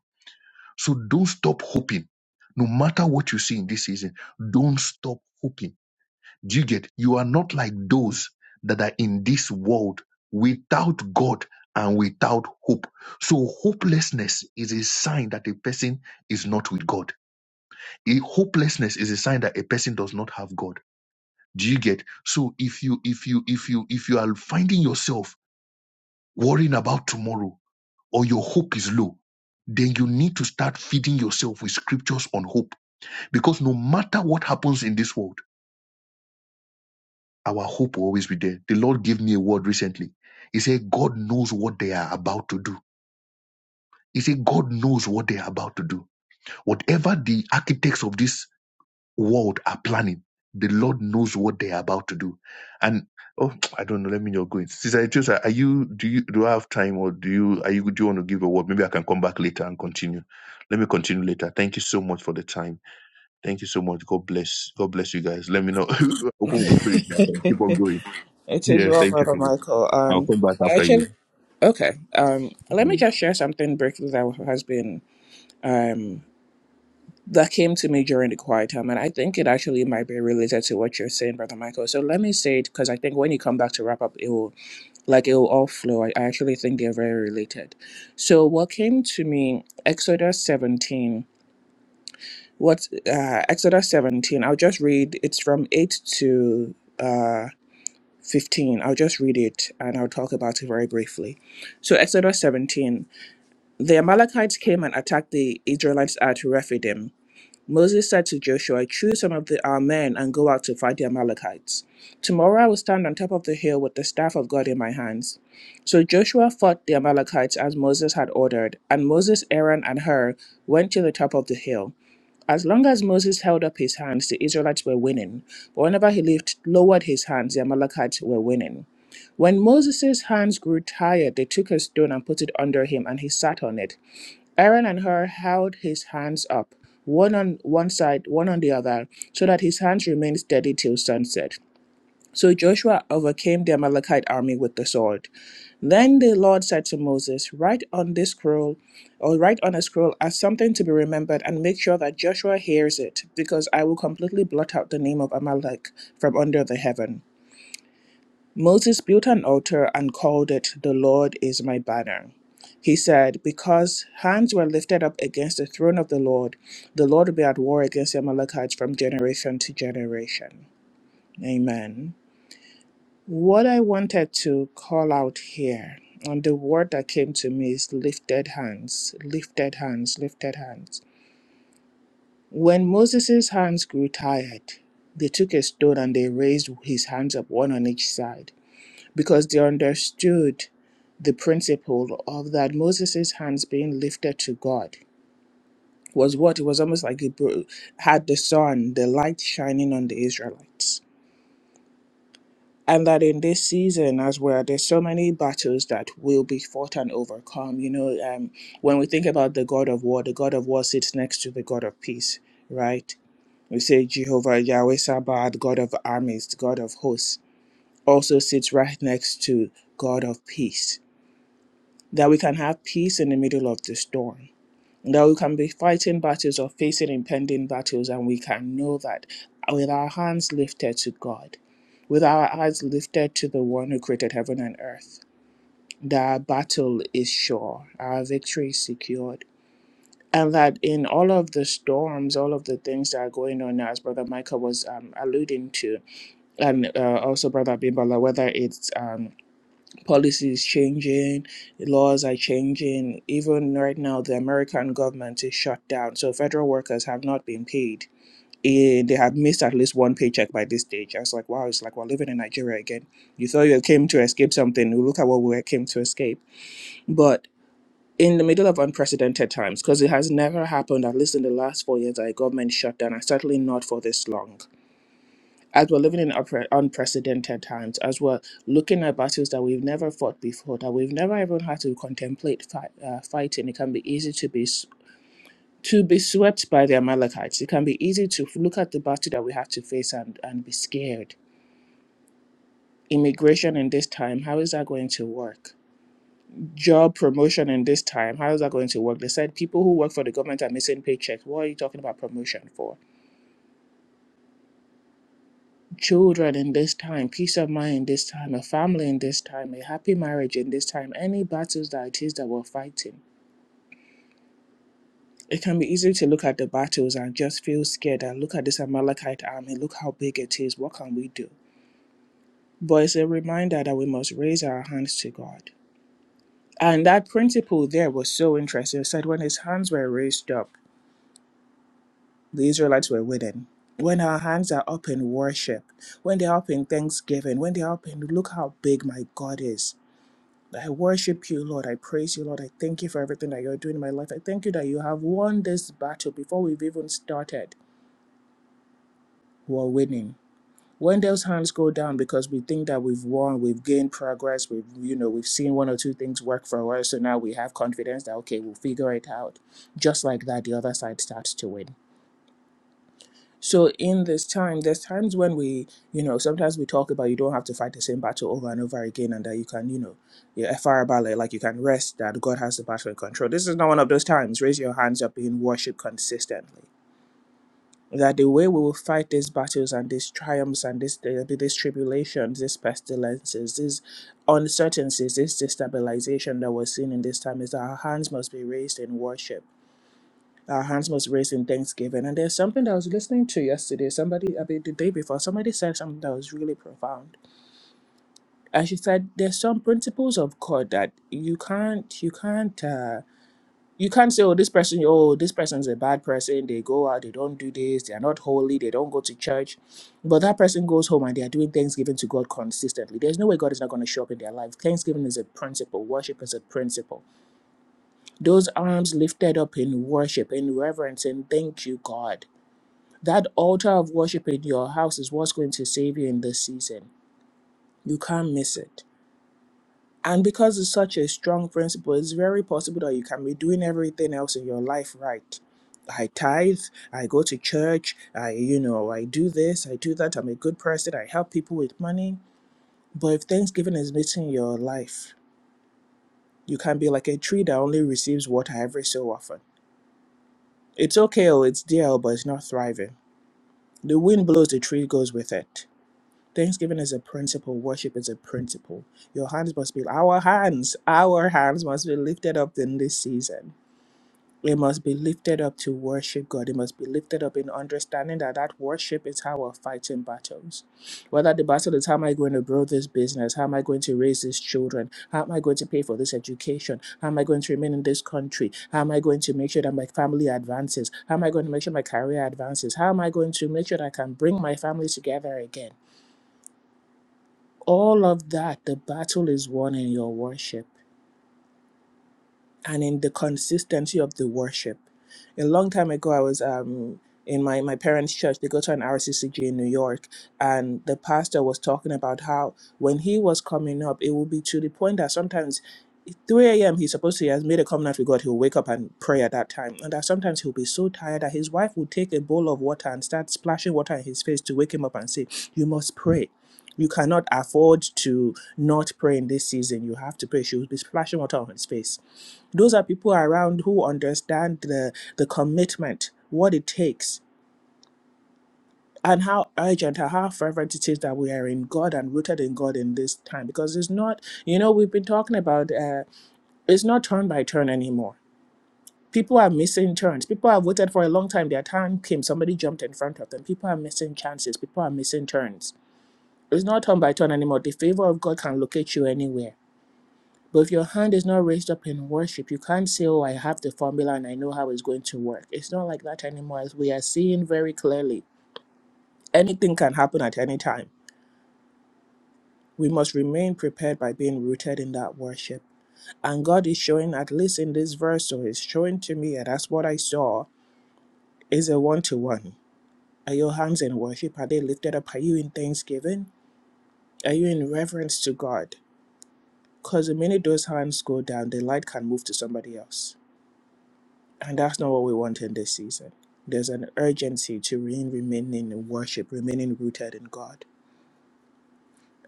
C: So don't stop hoping. No matter what you see in this season, don't stop hoping. Do you get? You are not like those that are in this world without God and without hope. So hopelessness is a sign that a person is not with God a hopelessness is a sign that a person does not have god do you get so if you if you if you if you are finding yourself worrying about tomorrow or your hope is low then you need to start feeding yourself with scriptures on hope because no matter what happens in this world our hope will always be there the lord gave me a word recently he said god knows what they are about to do he said god knows what they are about to do whatever the architects of this world are planning. The Lord knows what they are about to do. And oh, I don't know. Let me not go in. Sister Etiosa, are you? Do you? Do I have time, or do you? Are you? Do you want to give a word? Maybe I can come back later and continue. Let me continue later. Thank you so much for the time. Thank you so much. God bless. God bless you guys. Let me know. Open my spirit. I can keep on going.
A: It is
C: Yeah.
A: well,
C: Thank you
A: Brother
C: so much.
A: Michael.
C: I'll
A: Um,
C: come back after you.
A: actually, okay. Um, let me
C: Yeah. Thank
A: just share something briefly that has been um that came to me during the quiet time, and I think it actually might be related to what you're saying, Brother Michael. So let me say it because I think when you come back to wrap up, it will like it will all flow. I, I actually think they're very related. So what came to me, Exodus 17. What uh, Exodus 17? I'll just read. It's from 8 to uh, 15. I'll just read it and I'll talk about it very briefly. So, Exodus 17 The Amalekites came and attacked the Israelites at Rephidim. Moses said to Joshua, Choose some of the, our men and go out to fight the Amalekites. Tomorrow I will stand on top of the hill with the staff of God in my hands. So Joshua fought the Amalekites as Moses had ordered, and Moses, Aaron, and Hur went to the top of the hill. As long as Moses held up his hands, the Israelites were winning. But whenever he lift, lowered his hands, the Amalekites were winning. When Moses' hands grew tired, they took a stone and put it under him, and he sat on it. Aaron and Hur held his hands up, one on one side, one on the other, so that his hands remained steady till sunset. So Joshua overcame the Amalekite army with the sword. Then the Lord said to Moses, Write on this scroll, or write on a scroll as something to be remembered, and make sure that Joshua hears it, because I will completely blot out the name of Amalek from under the heaven. Moses built an altar and called it, The Lord is my banner. He said, Because hands were lifted up against the throne of the Lord, the Lord will be at war against the Amalekites from generation to generation. Amen. What I wanted to call out here, and the word that came to me is lifted hands, lifted hands, lifted hands. When Moses' hands grew tired, they took a stone and they raised his hands up, one on each side, because they understood the principle of that Moses' hands being lifted to God was what it was almost like it bro- had the sun, the light shining on the Israelites and that in this season as well there's so many battles that will be fought and overcome you know um, when we think about the god of war the god of war sits next to the god of peace right we say jehovah yahweh sabbath god of armies god of hosts also sits right next to god of peace that we can have peace in the middle of the storm that we can be fighting battles or facing impending battles, and we can know that with our hands lifted to God, with our eyes lifted to the one who created heaven and earth, that our battle is sure, our victory is secured. And that in all of the storms, all of the things that are going on now, as Brother Michael was um, alluding to, and uh, also Brother Bimbala, whether it's um, policies changing, the laws are changing. Even right now, the American government is shut down, so federal workers have not been paid. And they have missed at least one paycheck by this stage. I was like, wow, it's like we're living in Nigeria again. You thought you came to escape something, look at what we came to escape. But in the middle of unprecedented times, because it has never happened, at least in the last four years, that a government shut down, and certainly not for this long as we're living in unpre- unprecedented times, as we're looking at battles that we've never fought before, that we've never even had to contemplate fight, uh, fighting, it can be easy to be s- to be swept by the Amalekites. It can be easy to f- look at the battle that we have to face and, and be scared. Immigration in this time, how is that going to work? Job promotion in this time, how is that going to work? They said people who work for the government are missing paychecks. What are you talking about promotion for? children in this time, peace of mind in this time, a family in this time, a happy marriage in this time, any battles that it is that we're fighting. It can be easy to look at the battles and just feel scared and look at this Amalekite army, look how big it is, what can we do? But it's a reminder that we must raise our hands to God. And that principle there was so interesting. It said when his hands were raised up, the Israelites were winning. When our hands are up in worship, when they're up in thanksgiving, when they're up in look how big my God is, I worship you, Lord. I praise you, Lord. I thank you for everything that you're doing in my life. I thank you that you have won this battle before we've even started. We're winning. When those hands go down because we think that we've won, we've gained progress, we've you know, we've seen one or two things work for us, so now we have confidence that okay, we'll figure it out. Just like that, the other side starts to win. So in this time, there's times when we, you know, sometimes we talk about you don't have to fight the same battle over and over again, and that you can, you know, yeah, farabale, like you can rest, that God has the battle in control. This is not one of those times. Raise your hands up in worship consistently. That the way we will fight these battles and these triumphs and this, there'll be these tribulations, these pestilences, these uncertainties, this destabilization that we're seeing in this time is that our hands must be raised in worship our hands must raise in thanksgiving. And there's something that I was listening to yesterday. Somebody, I mean, the day before, somebody said something that was really profound. And she said, "There's some principles of God that you can't, you can't." Uh, you can't say, oh, this person, oh, this person's a bad person. They go out, they don't do this, they are not holy, they don't go to church. But that person goes home and they are doing thanksgiving to God consistently. There's no way God is not going to show up in their life. Thanksgiving is a principle, worship is a principle. Those arms lifted up in worship, in reverence, and thank you, God. That altar of worship in your house is what's going to save you in this season. You can't miss it. And because it's such a strong principle, it's very possible that you can be doing everything else in your life right. I tithe, I go to church, I, you know, I do this, I do that, I'm a good person, I help people with money. But if Thanksgiving is missing your life, you can be like a tree that only receives water every so often. It's okay, oh, it's there, oh, but it's not thriving. The wind blows, the tree goes with it. Thanksgiving is a principle. Worship is a principle. Your hands must be our hands. Our hands must be lifted up in this season. It must be lifted up to worship God. It must be lifted up in understanding that that worship is how we're fighting battles. Whether the battle is how am I going to grow this business? How am I going to raise these children? How am I going to pay for this education? How am I going to remain in this country? How am I going to make sure that my family advances? How am I going to make sure my career advances? How am I going to make sure that I can bring my family together again? all of that, the battle is won in your worship and in the consistency of the worship. A long time ago, I was um, in my, my parents' church. They go to an RCCG in New York, and the pastor was talking about how when he was coming up, it would be to the point that sometimes 3 a.m. he's supposed to, he has made a covenant with God, he'll wake up and pray at that time. And that sometimes he'll be so tired that his wife will take a bowl of water and start splashing water in his face to wake him up and say, You must pray. You cannot afford to not pray in this season. You have to pray. She will be splashing water on his face. Those are people around who understand the, the commitment, what it takes, and how urgent or how fervent it is that we are in God and rooted in God in this time. Because it's not, you know, we've been talking about uh, it's not turn by turn anymore People are missing turns. People have waited for a long time. Their time came. Somebody jumped in front of them. People are missing chances. People are missing turns. It's not turn by turn anymore. The favor of God can locate you anywhere. But if your hand is not raised up in worship, you can't say, Oh, I have the formula and I know how it's going to work. It's not like that anymore, as we are seeing very clearly. Anything can happen at any time. We must remain prepared by being rooted in that worship. And God is showing, at least in this verse, or He's showing to me, and that's what I saw, is a one to one. Are your hands in worship? Are they lifted up? Are you in thanksgiving? Are you in reverence to God? Because the minute those hands go down, the light can move to somebody else. And that's not what we want in this season. There's an urgency to remain, remain in worship, remaining rooted in God.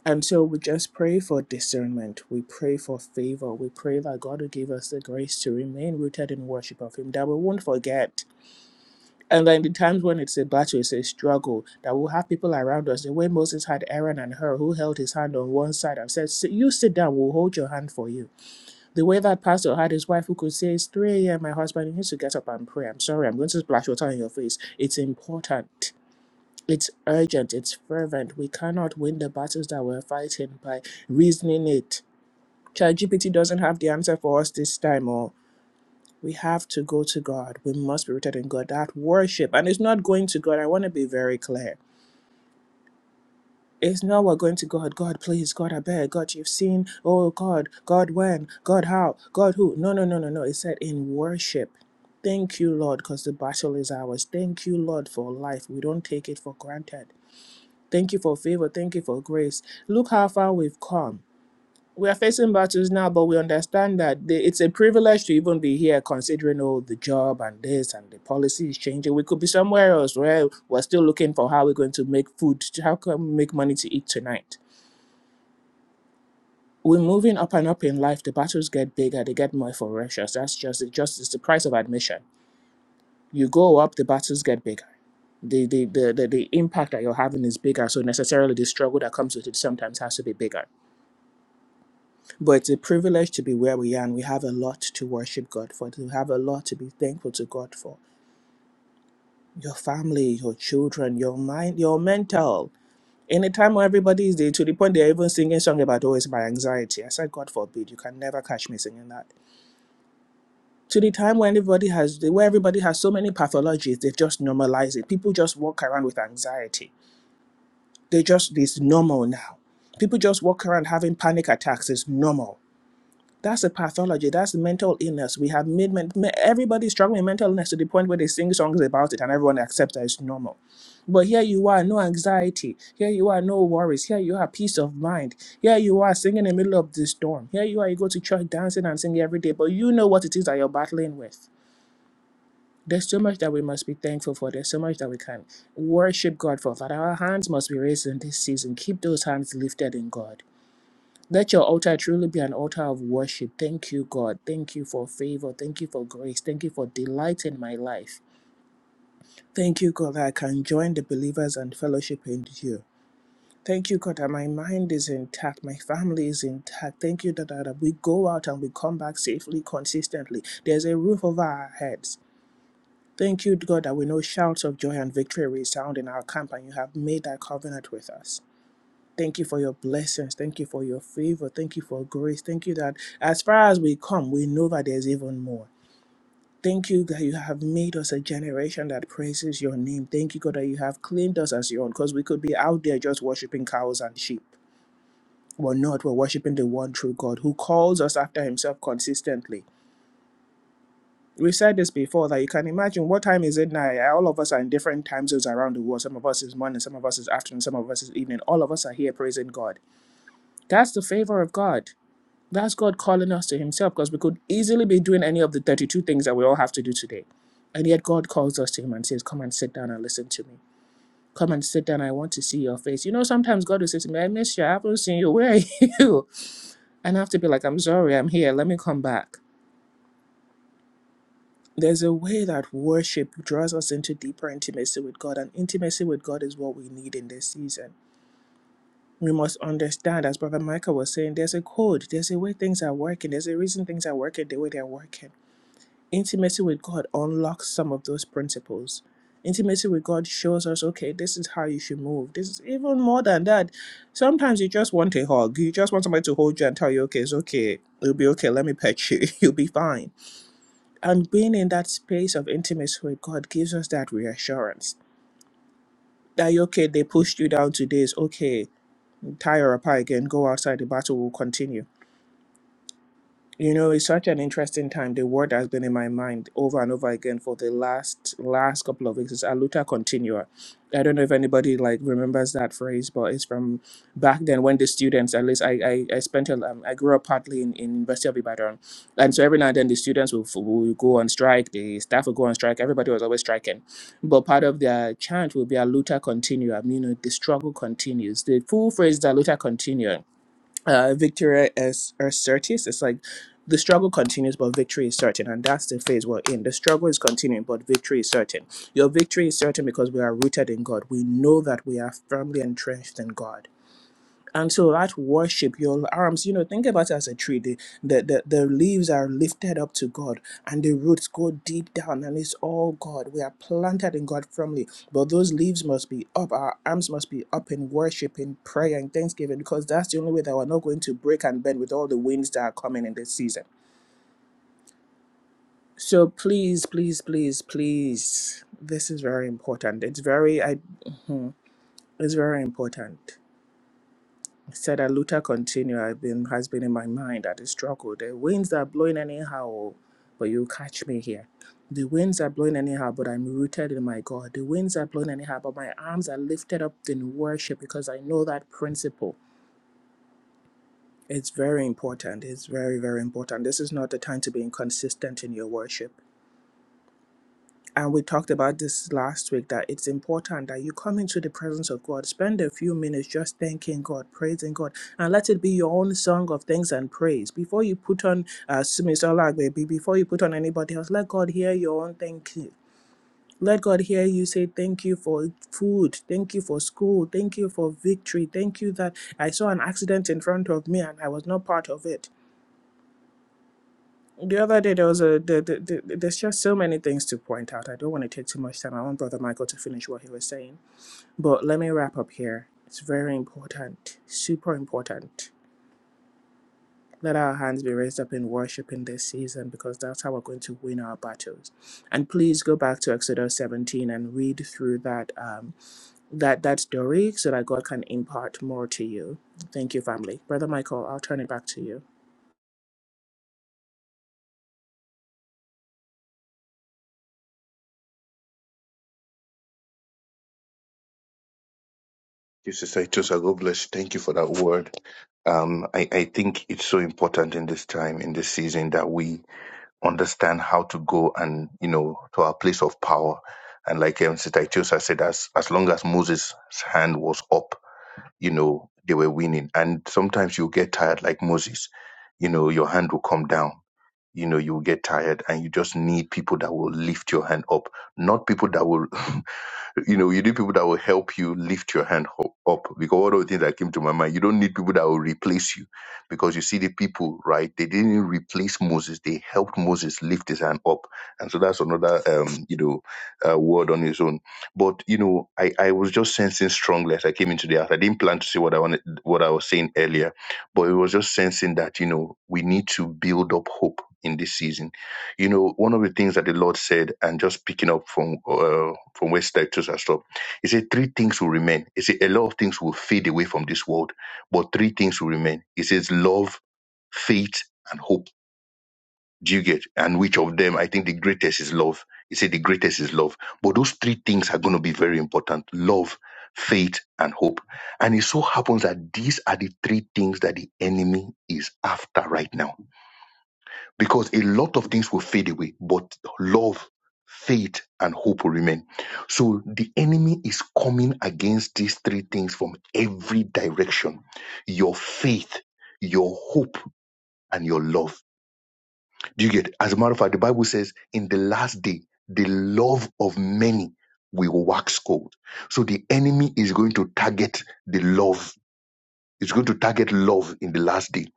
A: And so we just pray for discernment. We pray for favor. We pray that God will give us the grace to remain rooted in worship of Him, that we won't forget And then the times when it's a battle, it's a struggle, that we'll have people around us. The way Moses had Aaron and her, who held his hand on one side and said, "Sit- You sit down, we'll hold your hand for you. The way that pastor had his wife, who could say, It's 3 a.m., my husband, needs to get up and pray. I'm sorry, I'm going to splash water in your face. It's important. It's urgent. It's fervent. We cannot win the battles that we're fighting by reasoning it. ChatGPT doesn't have the answer for us this time, or we have to go to God. We must be rooted in God. That worship, and it's not going to God. I want to be very clear. It's not we're going to God. God, please. God, I beg. God, you've seen. Oh, God. God, when? God, how? God, who? No, no, no, no, no. It said in worship. Thank you, Lord, because the battle is ours. Thank you, Lord, for life. We don't take it for granted. Thank you for favor. Thank you for grace. Look how far we've come we are facing battles now, but we understand that the, it's a privilege to even be here, considering all the job and this and the policy is changing. We could be somewhere else where we're still looking for how we're going to make food, to- how can we make money to eat tonight. We're moving up and up in life. The battles get bigger, they get more ferocious. That's just it. Just it's the price of admission. You go up, the battles get bigger. The the, the the the impact that you're having is bigger, so necessarily the struggle that comes with it sometimes has to be bigger But it's a privilege to be where we are, and we have a lot to worship God for. We have a lot to be thankful to God for. Your family, your children, your mind, your mental. In a time where everybody is there, to the point they're even singing song about, oh, it's my anxiety. I said, God forbid, you can never catch me singing that. To the time when everybody has, where everybody has so many pathologies, they've just normalized it. People just walk around with anxiety. They just, it's normal now. People just walk around having panic attacks. It's normal That's a pathology. That's mental illness. We have made men, me- everybody struggling with mental illness to the point where they sing songs about it and everyone accepts that it's normal. But here you are, no anxiety. Here you are, no worries. Here you are, peace of mind. Here you are, singing in the middle of the storm. Here you are, you go to church dancing and singing every day, but you know what it is that you're battling with. There's so much that we must be thankful for. There's so much that we can worship God for. Father, our hands must be raised in this season. Keep those hands lifted in God. Let your altar truly be an altar of worship. Thank you, God. Thank you for favor. Thank you for grace. Thank you for delight in my life. Thank you, God, that I can join the believers and fellowship in you. Thank you, God, that my mind is intact, my family is intact. Thank you that, that we go out and we come back safely, consistently. There's a roof over our heads. Thank you, God, that we know shouts of joy and victory resound in our camp, and you have made that covenant with us. Thank you for your blessings. Thank you for your favor. Thank you for grace. Thank you that as far as we come, we know that there's even more. Thank you that you have made us a generation that praises your name. Thank you, God, that you have claimed us as your own because we could be out there just worshiping cows and sheep. We're not. We're worshiping the one true God who calls us after himself consistently. We've said this before that you can imagine what time is it now? Yeah, All of us are in different time zones around the world. Some of us is morning, some of us is afternoon, some of us is evening. All of us are here praising God. That's the favor of God. That's God calling us to Himself because we could easily be doing any of the 32 things that we all have to do today. And yet God calls us to Him and says, Come and sit down and listen to me. Come and sit down. I want to see your face. You know, sometimes God will say to me, I miss you. I haven't seen you. Where are you? And I have to be like, I'm sorry. I'm here. Let me come back. There's a way that worship draws us into deeper intimacy with God, and intimacy with God is what we need in this season. We must understand, as Brother Michael was saying, there's a code, there's a way things are working, there's a reason things are working the way they're working intimacy with God unlocks some of those principles. Intimacy with God shows us, okay, this is how you should move. This is even more than that. Sometimes you just want a hug. You just want somebody to hold you and tell you, okay, it's okay. It'll be okay. Let me pet you. You'll be fine. And being in that space of intimacy with God gives us that reassurance that, okay, they pushed you down today. It's okay. Tie her apart again. Go outside. The battle will continue You know, it's such an interesting time. The word has been in my mind over and over again for the last last couple of weeks. It's aluta continua. I don't know if anybody like remembers that phrase, but it's from back then when the students, at least I, I, I spent, a- um, I grew up partly in, in University of Ibadan. And so every now and then the students will, will go on strike, the staff will go on strike, everybody was always striking. But part of their chant will be aluta continua, you know, the struggle continues. The full phrase is aluta continua uh, victory is, is certis. It's like the struggle continues, but victory is certain, and that's the phase we're in. The struggle is continuing, but victory is certain. Your victory is certain because we are rooted in God. We know that we are firmly entrenched in God. And so that worship, your arms, you know, think about it as a tree. The, the, the, the leaves are lifted up to God and the roots go deep down and it's all God. We are planted in God firmly. But those leaves must be up. Our arms must be up in worship, in prayer, in thanksgiving, because that's the only way that we're not going to break and bend with all the winds that are coming in this season. So please, please, please, please, this is very important. It's very, I, mhm, it's very important. said that Luther continue I've been has been in my mind that the struggle. The winds are blowing anyhow, oh, but you catch me here. The winds are blowing anyhow, but I'm rooted in my God. The winds are blowing anyhow, but my arms are lifted up in worship because I know that principle. It's very important. It's very, very important. This is not the time to be inconsistent in your worship. and we talked about this last week that it's important that you come into the presence of God, spend a few minutes just thanking God, praising God, and let it be your own song of thanks and praise. Before you put on uh, Miss baby, before you put on anybody else, let God hear your own thank you. Let God hear you say, Thank you for food. Thank you for school. Thank you for victory. Thank you that I saw an accident in front of me and I was not part of it. The other day, there was a, the, the, the, there's just so many things to point out. I don't want to take too much time. I want Brother Michael to finish what he was saying. But let me wrap up here. It's very important, super important. Let our hands be raised up in worship in this season because that's how we're going to win our battles. And please go back to Exodus 17 and read through that um, that that story so that God can impart more to you. Thank you, family. Brother Michael, I'll turn it back to you.
C: you, Sister Etiosa. God bless. you. Thank you for that word um, I, I think it's so important in this time, in this season, that we understand how to go and you know to our place of power. And like um, Sister Itiosa said, as as long as Moses' hand was up, you know they were winning. And sometimes you get tired, like Moses. You know your hand will come down. You know you will get tired, and you just need people that will lift your hand up, not people that will. you know, you need people that will help you lift your hand ho- up. Because one of the things that came to my mind, you don't need people that will replace you. Because you see the people, right? They didn't replace Moses. They helped Moses lift his hand up. And so that's another, um, you know, uh, word on its own. But, you know, I, I was just sensing strongly as I came into the house. I didn't plan to say what I wanted, what I was saying earlier, but it was just sensing that, you know, we need to build up hope in this season. You know, one of the things that the Lord said, and just picking up from, uh, from where Titus has stopped. He said, Three things will remain. He said, A lot of things will fade away from this world, but three things will remain. He says, Love, faith, and hope. Do you get? And which of them? I think the greatest is love. He said, The greatest is love. But those three things are going to be very important love, faith, and hope. And it so happens that these are the three things that the enemy is after right now because a lot of things will fade away, but love, faith, and hope will remain. So the enemy is coming against these three things from every direction your faith, your hope, and your love. Do you get? it? As a matter of fact, the Bible says, in the last day, the love of many will wax cold. So the enemy is going to target the love it's going to target love in the last day.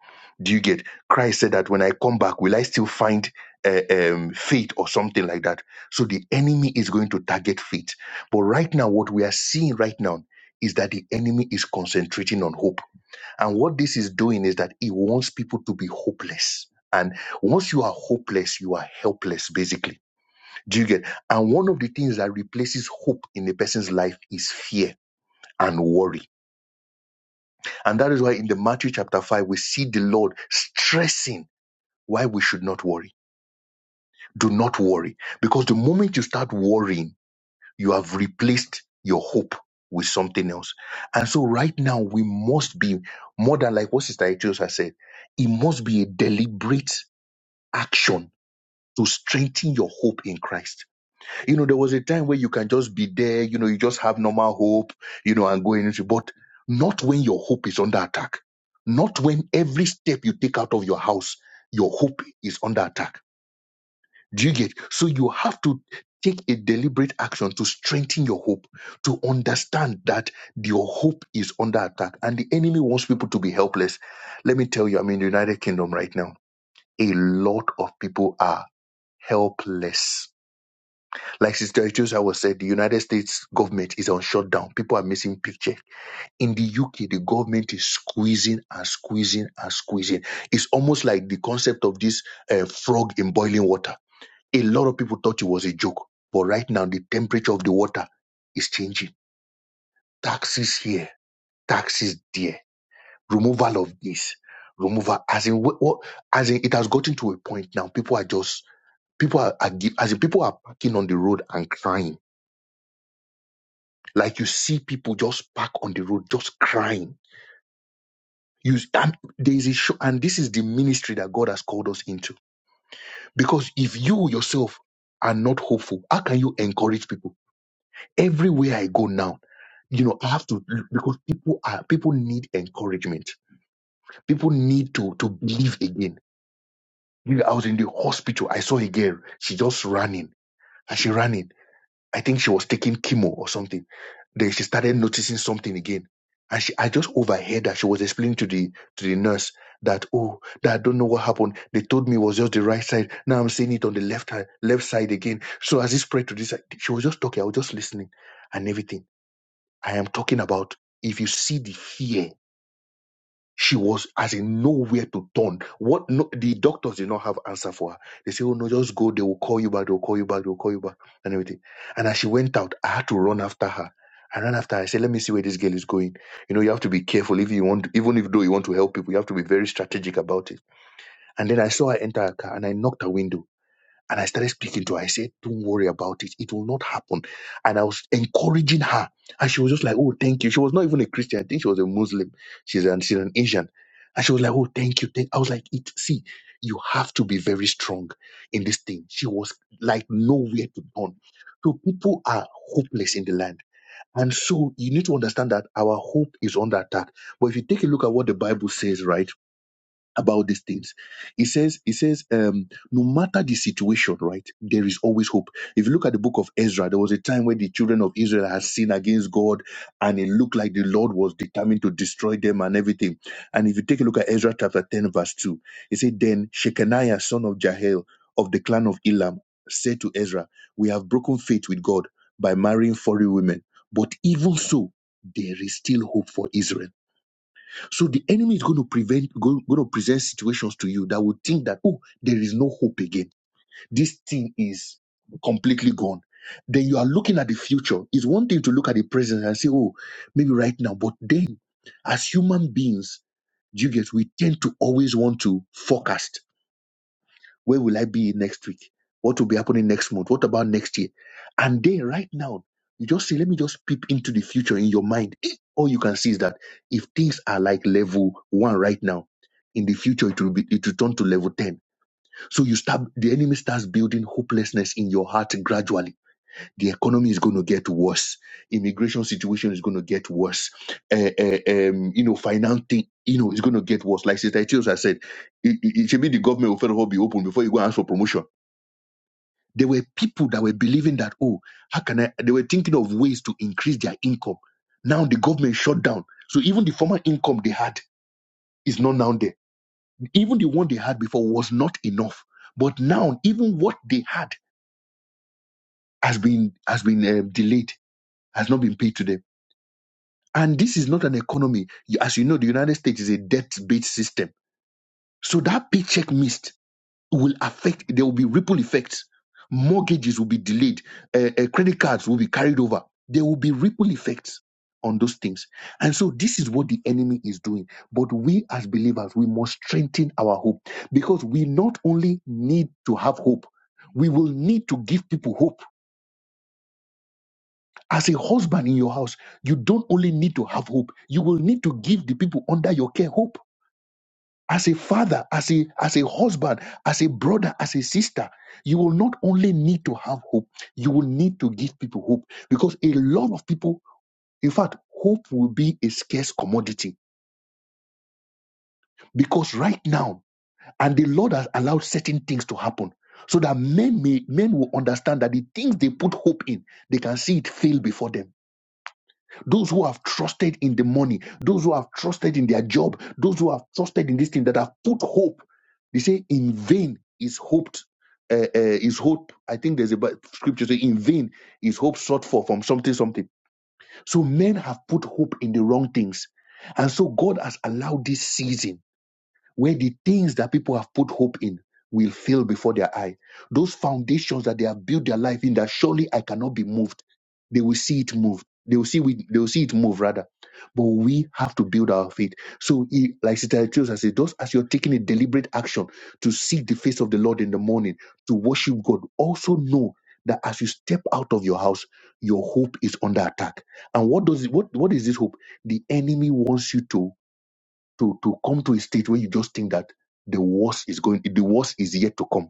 C: Do you get? Christ said that when I come back, will I still find uh, um, faith or something like that? So the enemy is going to target faith. But right now, what we are seeing right now is that the enemy is concentrating on hope. And what this is doing is that it wants people to be hopeless. And once you are hopeless, you are helpless, basically. Do you get? And one of the things that replaces hope in a person's life is fear and worry and that is why in the Matthew chapter 5, we see the Lord stressing why we should not worry. Do not worry. Because the moment you start worrying, you have replaced your hope with something else. And so right now, we must be more than like what Sister Etios has said, it must be a deliberate action to strengthen your hope in Christ you know, there was a time where you can just be there, you know, you just have normal hope, you know, and going into, but not when your hope is under attack. Not when every step you take out of your house, your hope is under attack. Do you get? So you have to take a deliberate action to strengthen your hope, to understand that your hope is under attack and the enemy wants people to be helpless. Let me tell you, I'm in the United Kingdom right now. A lot of people are helpless like Sister Etiosa was said, the United States government is on shutdown. People are missing picture. In the UK, the government is squeezing and squeezing and squeezing. It's almost like the concept of this uh, frog in boiling water. A lot of people thought it was a joke, but right now the temperature of the water is changing. Taxes here, taxes there, removal of this, removal. As in, what, what, as in, it has gotten to a point now. People are just people are, are gi- as in people are parking on the road and crying Like you see people just park on the road, just crying. You and there is a show, and this is the ministry that God has called us into. Because if you yourself are not hopeful, how can you encourage people? Everywhere I go now, you know, I have to because people are people need encouragement. People need to to believe again. You know, I was in the hospital. I saw a girl. She just running. And she ran in. I think she was taking chemo or something. Then she started noticing something again. And she, I just overheard that she was explaining to the to the nurse that oh that I don't know what happened. They told me it was just the right side. Now I'm seeing it on the left hand, left side again. So as it spread to this side, she was just talking. I was just listening and everything. I am talking about if you see the fear she was as in nowhere to turn. What no, the doctors did not have answer for her. They say, "Oh no, just go. They will call you back. They will call you back. They will call you back and everything." And as she went out, I had to run after her. I ran after her. I said, "Let me see where this girl is going." You know, you have to be careful if you want, even if though you want to help people, you have to be very strategic about it. And then I saw her enter her car and I knocked her window. And I started speaking to her. I said, Don't worry about it. It will not happen. And I was encouraging her. And she was just like, Oh, thank you. She was not even a Christian. I think she was a Muslim. She's an, she's an Asian. And she was like, Oh, thank you. Thank. I was like, it, See, you have to be very strong in this thing. She was like nowhere to turn. So people are hopeless in the land. And so you need to understand that our hope is under attack. But if you take a look at what the Bible says, right? about these things. He says, he says, um, no matter the situation, right, there is always hope. If you look at the book of Ezra, there was a time when the children of Israel had sinned against God, and it looked like the Lord was determined to destroy them and everything. And if you take a look at Ezra chapter 10, verse 2, he said, Then Shechaniah, son of Jael, of the clan of Elam, said to Ezra, We have broken faith with God by marrying foreign women. But even so, there is still hope for Israel so the enemy is going to prevent, going, going to present situations to you that would think that, oh, there is no hope again. This thing is completely gone. Then you are looking at the future. It's one thing to look at the present and say, oh, maybe right now. But then, as human beings, you get, we tend to always want to forecast where will I be next week? What will be happening next month? What about next year? And then right now, you just say, let me just peep into the future in your mind. Eh, All you can see is that if things are like level one right now, in the future it will be it will turn to level 10. So you start the enemy starts building hopelessness in your heart gradually the economy is going to get worse immigration situation is going to get worse uh, uh, um, you know financing you know it's going to get worse like sister Etios has said it, it, it should be the government will first of all be open before you go and ask for promotion there were people that were believing that oh how can i they were thinking of ways to increase their income now the government shut down so even the former income they had is not now there even the one they had before was not enough but now even what they had has been has been um, delayed has not been paid to them And this is not an economy. You- As you know, the United States is a debt-based system. So that paycheck missed will affect, there will be ripple effects. Mortgages will be delayed. Uh, uh, credit cards will be carried over. There will be ripple effects on those things. And so this is what the enemy is doing. But we as believers, we must strengthen our hope because we not only need to have hope, we will need to give people hope As a husband in your house, you don't only need to have hope, you will need to give the people under your care hope. As a father, as a, as a husband, as a brother, as a sister, you will not only need to have hope, you will need to give people hope because a lot of people, in fact, hope will be a scarce commodity because right now, and the Lord has allowed certain things to happen so that men may men will understand that the things they put hope in, they can see it fail before them Those who have trusted in the money, those who have trusted in their job, those who have trusted in this thing that have put hope. They say, in vain is hoped. Uh, uh, is hope, I think there's a Bi- scripture saying, in vain is hope sought for from something, something. So men have put hope in the wrong things. And so God has allowed this season where the things that people have put hope in will fail before their eye. Those foundations that they have built their life in that surely I cannot be moved. They will see it move. They will see we, they will see it move rather. But we have to build our faith. So he, like Sister Chiosa said, those as you're taking a deliberate action to seek the face of the Lord in the morning, to worship God, also know that as you step out of your house, your hope is under attack. And what does it, what what is this hope? The enemy wants you to to to come to a state where you just think that the worst is going the worst is yet to come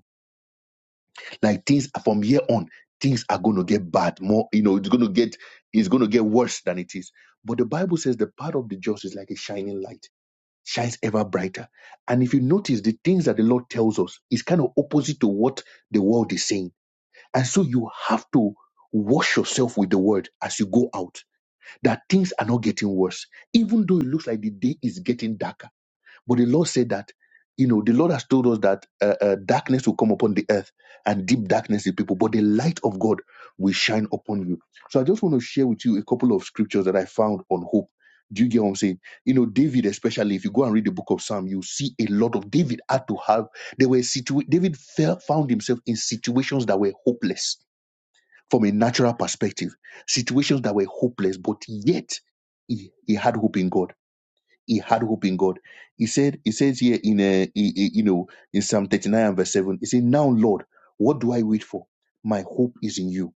C: like things from here on things are going to get bad more you know it's going to get it's going to get worse than it is but the bible says the path of the just is like a shining light shines ever brighter and if you notice the things that the lord tells us is kind of opposite to what the world is saying and so you have to wash yourself with the word as you go out that things are not getting worse even though it looks like the day is getting darker but the Lord said that, you know, the Lord has told us that uh, uh, darkness will come upon the earth and deep darkness the people, but the light of God will shine upon you. So I just want to share with you a couple of scriptures that I found on hope. Do you get what I'm saying? You know, David, especially if you go and read the book of Psalm, you see a lot of David had to have. There were situ- David felt, found himself in situations that were hopeless from a natural perspective, situations that were hopeless, but yet he, he had hope in God he had hope in God. He said, he says here in a, you know, in Psalm 39 and verse 7, he said, Now, Lord, what do I wait for? My hope is in you.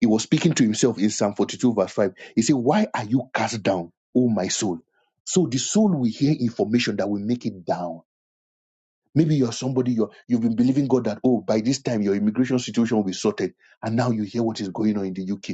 C: He was speaking to himself in Psalm 42, verse 5. He said, Why are you cast down, O my soul? So the soul will hear information that will make it down. Maybe you're somebody you're, you've been believing God that, oh, by this time your immigration situation will be sorted. And now you hear what is going on in the UK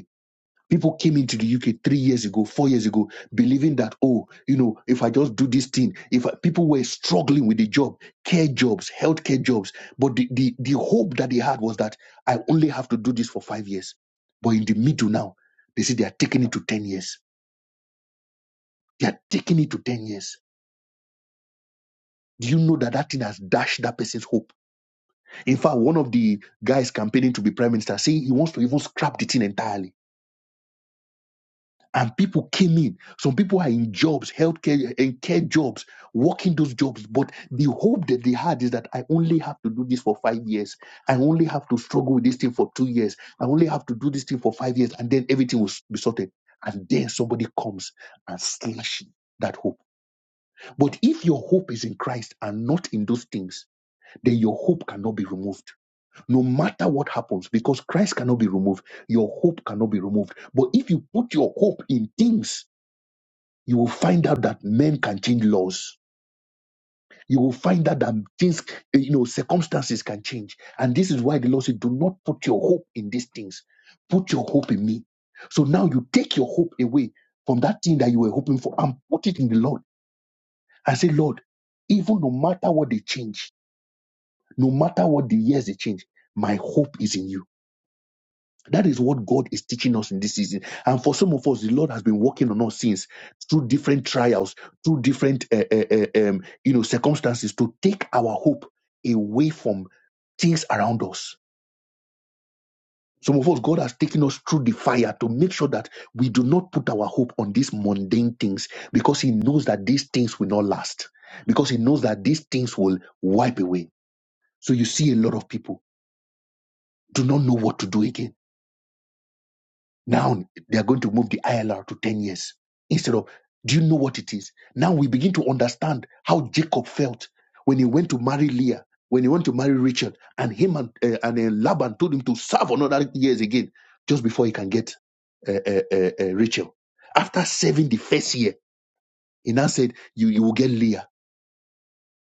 C: People came into the UK three years ago, four years ago, believing that, oh, you know, if I just do this thing, if I, people were struggling with the job, care jobs, healthcare jobs. But the, the, the hope that they had was that I only have to do this for five years. But in the middle now, they say they are taking it to 10 years. They are taking it to 10 years. Do you know that that thing has dashed that person's hope? In fact, one of the guys campaigning to be prime minister saying he wants to even scrap the thing entirely and people came in. Some people are in jobs, healthcare and care jobs, working those jobs. But the hope that they had is that I only have to do this for five years. I only have to struggle with this thing for two years. I only have to do this thing for five years, and then everything will s- be sorted. And then somebody comes and slashes that hope. But if your hope is in Christ and not in those things, then your hope cannot be removed. No matter what happens, because Christ cannot be removed, your hope cannot be removed. But if you put your hope in things, you will find out that men can change laws. You will find out that things, eh, you know, circumstances can change. And this is why the Lord said, do not put your hope in these things. Put your hope in me. So now you take your hope away from that thing that you were hoping for and put it in the Lord and say, Lord, even no matter what they change, no matter what the years they change, my hope is in you. That is what God is teaching us in this season. And for some of us, the Lord has been working on us since through different trials, through different uh, uh, uh, um, you know circumstances to take our hope away from things around us. Some of us, God has taken us through the fire to make sure that we do not put our hope on these mundane things because He knows that these things will not last, because He knows that these things will wipe away. So you see a lot of people do not know what to do again Now they are going to move the ILR to 10 years instead of, do you know what it is? Now we begin to understand how Jacob felt when he went to marry Leah, when he went to marry Richard, and him and, uh, and uh, Laban told him to serve another years again just before he can get uh, uh, uh, uh, Rachel. After serving the first year, he now said, you, you will get Leah,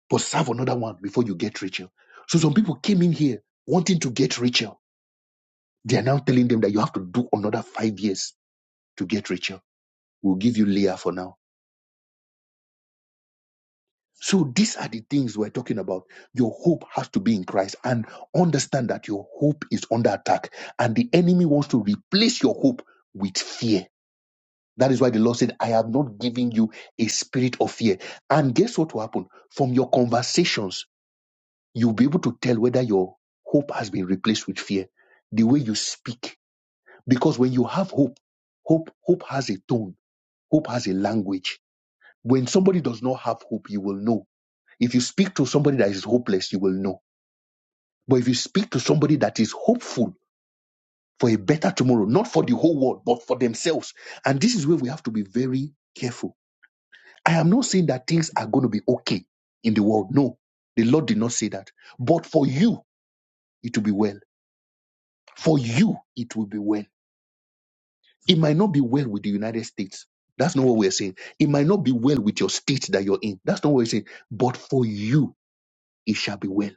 C: but serve another one before you get Rachel. So some people came in here wanting to get Rachel. They are now telling them that you have to do another five years to get Rachel We'll give you Leah for now. So these are the things we're talking about. Your hope has to be in Christ and understand that your hope is under attack and the enemy wants to replace your hope with fear. That is why the Lord said, I have not given you a spirit of fear. And guess what will happen? From your conversations, you'll be able to tell whether your hope has been replaced with fear. The way you speak. Because when you have hope, hope, hope has a tone, hope has a language. When somebody does not have hope, you will know If you speak to somebody that is hopeless, you will know. But if you speak to somebody that is hopeful for a better tomorrow, not for the whole world, but for themselves, and this is where we have to be very careful. I am not saying that things are going to be okay in the world. No, the Lord did not say that. But for you, it will be well. For you, it will be well. It might not be well with the United States. That's not what we're saying. It might not be well with your state that you're in. That's not what we're saying. But for you, it shall be well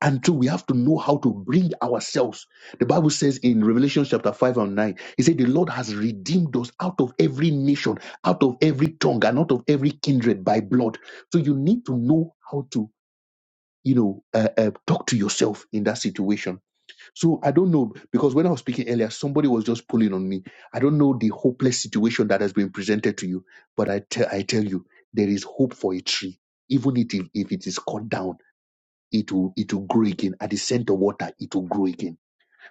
C: And two, we have to know how to bring ourselves. The Bible says in Revelation chapter 5 and 9, He said, The Lord has redeemed us out of every nation, out of every tongue, and out of every kindred by blood. So you need to know how to, you know, uh, uh, talk to yourself in that situation. So I don't know, because when I was speaking earlier, somebody was just pulling on me. I don't know the hopeless situation that has been presented to you, but I, te- I tell you, there is hope for a tree, even if, if it is cut down it will it will grow again at the center water it will grow again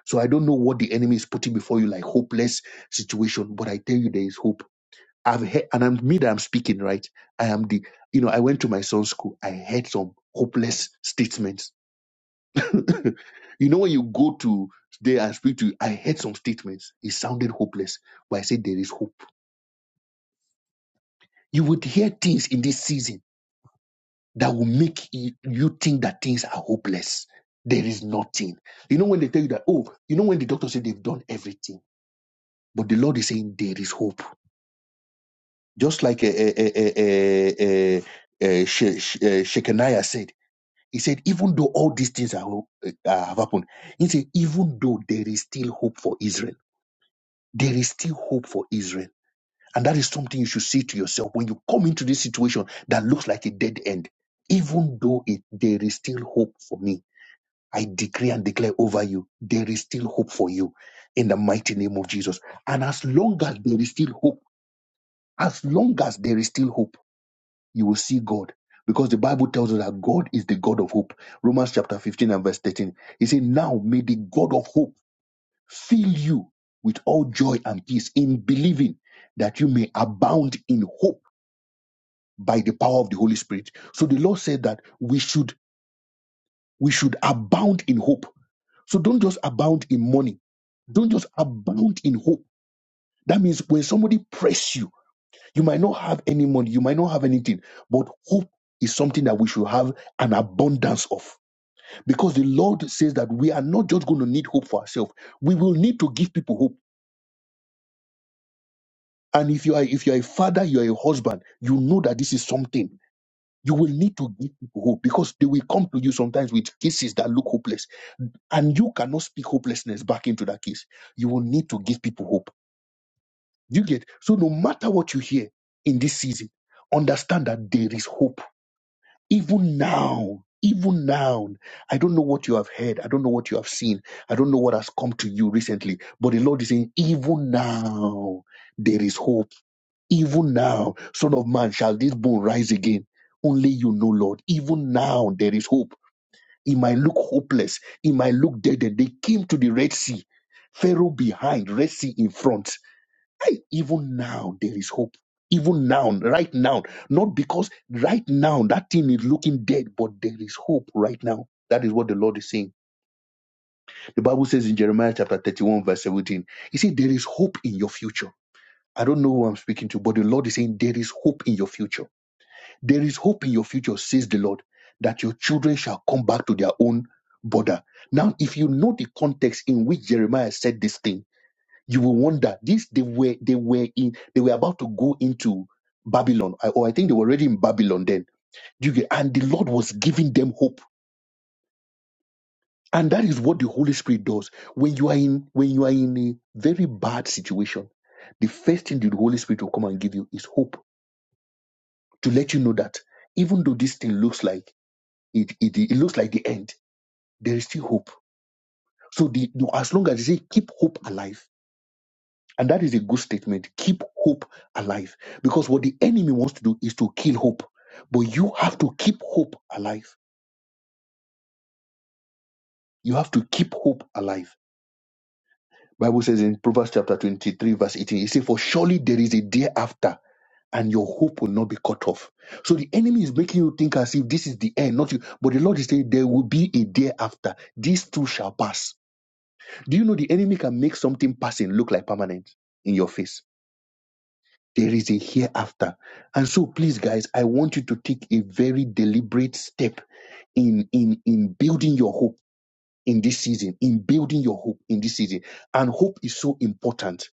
C: so i don't know what the enemy is putting before you like hopeless situation but i tell you there is hope i've heard and i'm me that i'm speaking right i am the you know i went to my son's school i heard some hopeless statements you know when you go to there and speak to i heard some statements it sounded hopeless but i said there is hope you would hear things in this season that will make you you think that things are hopeless. There is nothing. You know, when they tell you that, oh, you know, when the doctor said they've done everything, but the Lord is saying there is hope. Just like uh, uh, uh, uh, uh, uh, She- She- uh, Shekaniah said, he said, even though all these things are, ho- uh, have happened, he said, even though there is still hope for Israel, there is still hope for Israel. And that is something you should say to yourself when you come into this situation that looks like a dead end. Even though it, there is still hope for me I decree and declare over you, there is still hope for you in the mighty name of Jesus. And as long as there is still hope, as long as there is still hope, you will see God. Because the Bible tells us that God is the God of hope. Romans chapter 15 and verse 13. He said, Now may the God of hope fill you with all joy and peace in believing that you may abound in hope by the power of the Holy Spirit. So the Lord said that we should we should abound in hope So don't just abound in money. Don't just abound in hope. That means when somebody press you, you might not have any money, you might not have anything, but hope is something that we should have an abundance of. Because the Lord says that we are not just going to need hope for ourselves. We will need to give people hope. And if you are if you are a father, you are a husband, you know that this is something. You will need to give people hope because they will come to you sometimes with cases that look hopeless. And you cannot speak hopelessness back into that case. You will need to give people hope You get so no matter what you hear in this season, understand that there is hope. Even now, even now, I don't know what you have heard, I don't know what you have seen, I don't know what has come to you recently, but the Lord is saying, even now, there is hope. Even now, Son of Man, shall this bone rise again? Only you know, Lord. Even now, there is hope. It might look hopeless, it might look dead. They came to the Red Sea, Pharaoh behind, Red Sea in front Hey, even now there is hope. Even now, right now, not because right now that thing is looking dead, but there is hope right now. That is what the Lord is saying. The Bible says in Jeremiah chapter 31, verse 17, He said, There is hope in your future. I don't know who I'm speaking to, but the Lord is saying, There is hope in your future. There is hope in your future, says the Lord, that your children shall come back to their own border. Now, if you know the context in which Jeremiah said this thing, you will wonder this they were they were in they were about to go into babylon I- or i think they were already in babylon then you get, and the lord was giving them hope and that is what the holy spirit does when you are in when you are in a very bad situation the first thing the holy spirit will come and give you is hope to let you know that even though this thing looks like it it, it looks like the end there is still hope so the, no, as long as you say keep hope alive And that is a good statement. Keep hope alive. Because what the enemy wants to do is to kill hope. But you have to keep hope alive. You have to keep hope alive. Bible says in Proverbs chapter 23, verse 18, it says, For surely there is a day after, and your hope will not be cut off. So the enemy is making you think as if this is the end, not you. But the Lord is saying, There will be a day after. These two shall pass. Do you know the enemy can make something passing look like permanent in your face? There is a hereafter. And so please guys, I want you to take a very deliberate step in in in building your hope in this season, in building your hope in this season. And hope is so important.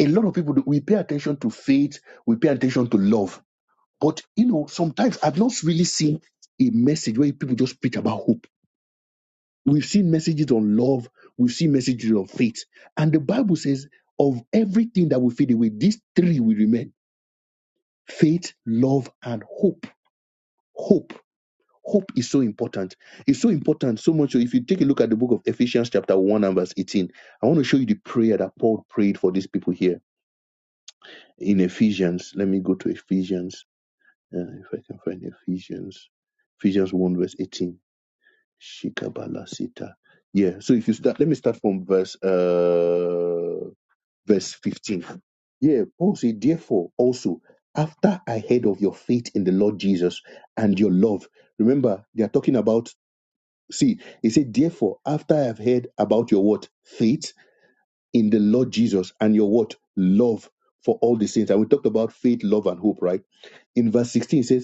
C: A lot of people we pay attention to faith, we pay attention to love. But you know, sometimes I've not really seen a message where people just preach about hope. We've seen messages on love, we've seen messages on faith. And the Bible says of everything that will fade away, these three will remain faith, love, and hope. hope hope is so important it's so important so much so if you take a look at the book of ephesians chapter 1 and verse 18 i want to show you the prayer that paul prayed for these people here in ephesians let me go to ephesians uh, if i can find ephesians ephesians 1 verse 18 shikabala sita yeah so if you start let me start from verse uh verse 15 yeah paul said therefore also after i heard of your faith in the lord jesus and your love remember they are talking about See, he said, therefore, after I have heard about your what? Faith in the Lord Jesus and your what? Love for all the saints. And we talked about faith, love, and hope, right? In verse 16, it says,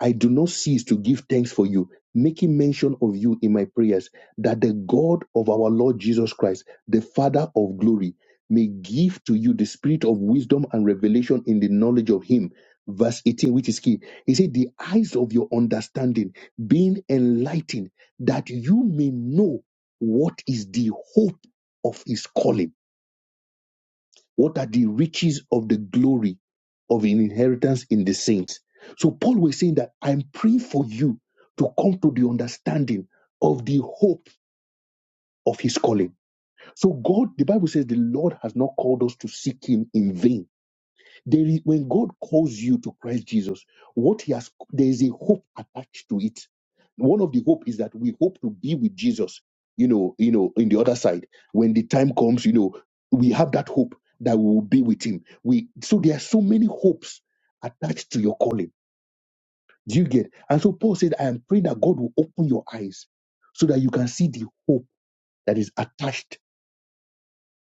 C: I do not cease to give thanks for you, making mention of you in my prayers, that the God of our Lord Jesus Christ, the Father of glory, may give to you the spirit of wisdom and revelation in the knowledge of Him. Verse 18, which is key. He said, The eyes of your understanding being enlightened, that you may know what is the hope of His calling what are the riches of the glory of an inheritance in the saints? So Paul was saying that I'm praying for you to come to the understanding of the hope of his calling. So God, the Bible says the Lord has not called us to seek him in vain. There is, when God calls you to Christ Jesus, what He has, there is a hope attached to it. One of the hope is that we hope to be with Jesus. You know, you know, in the other side, when the time comes, you know, we have that hope that we will be with Him. We so there are so many hopes attached to your calling. Do you get? And so Paul said, "I am praying that God will open your eyes so that you can see the hope that is attached."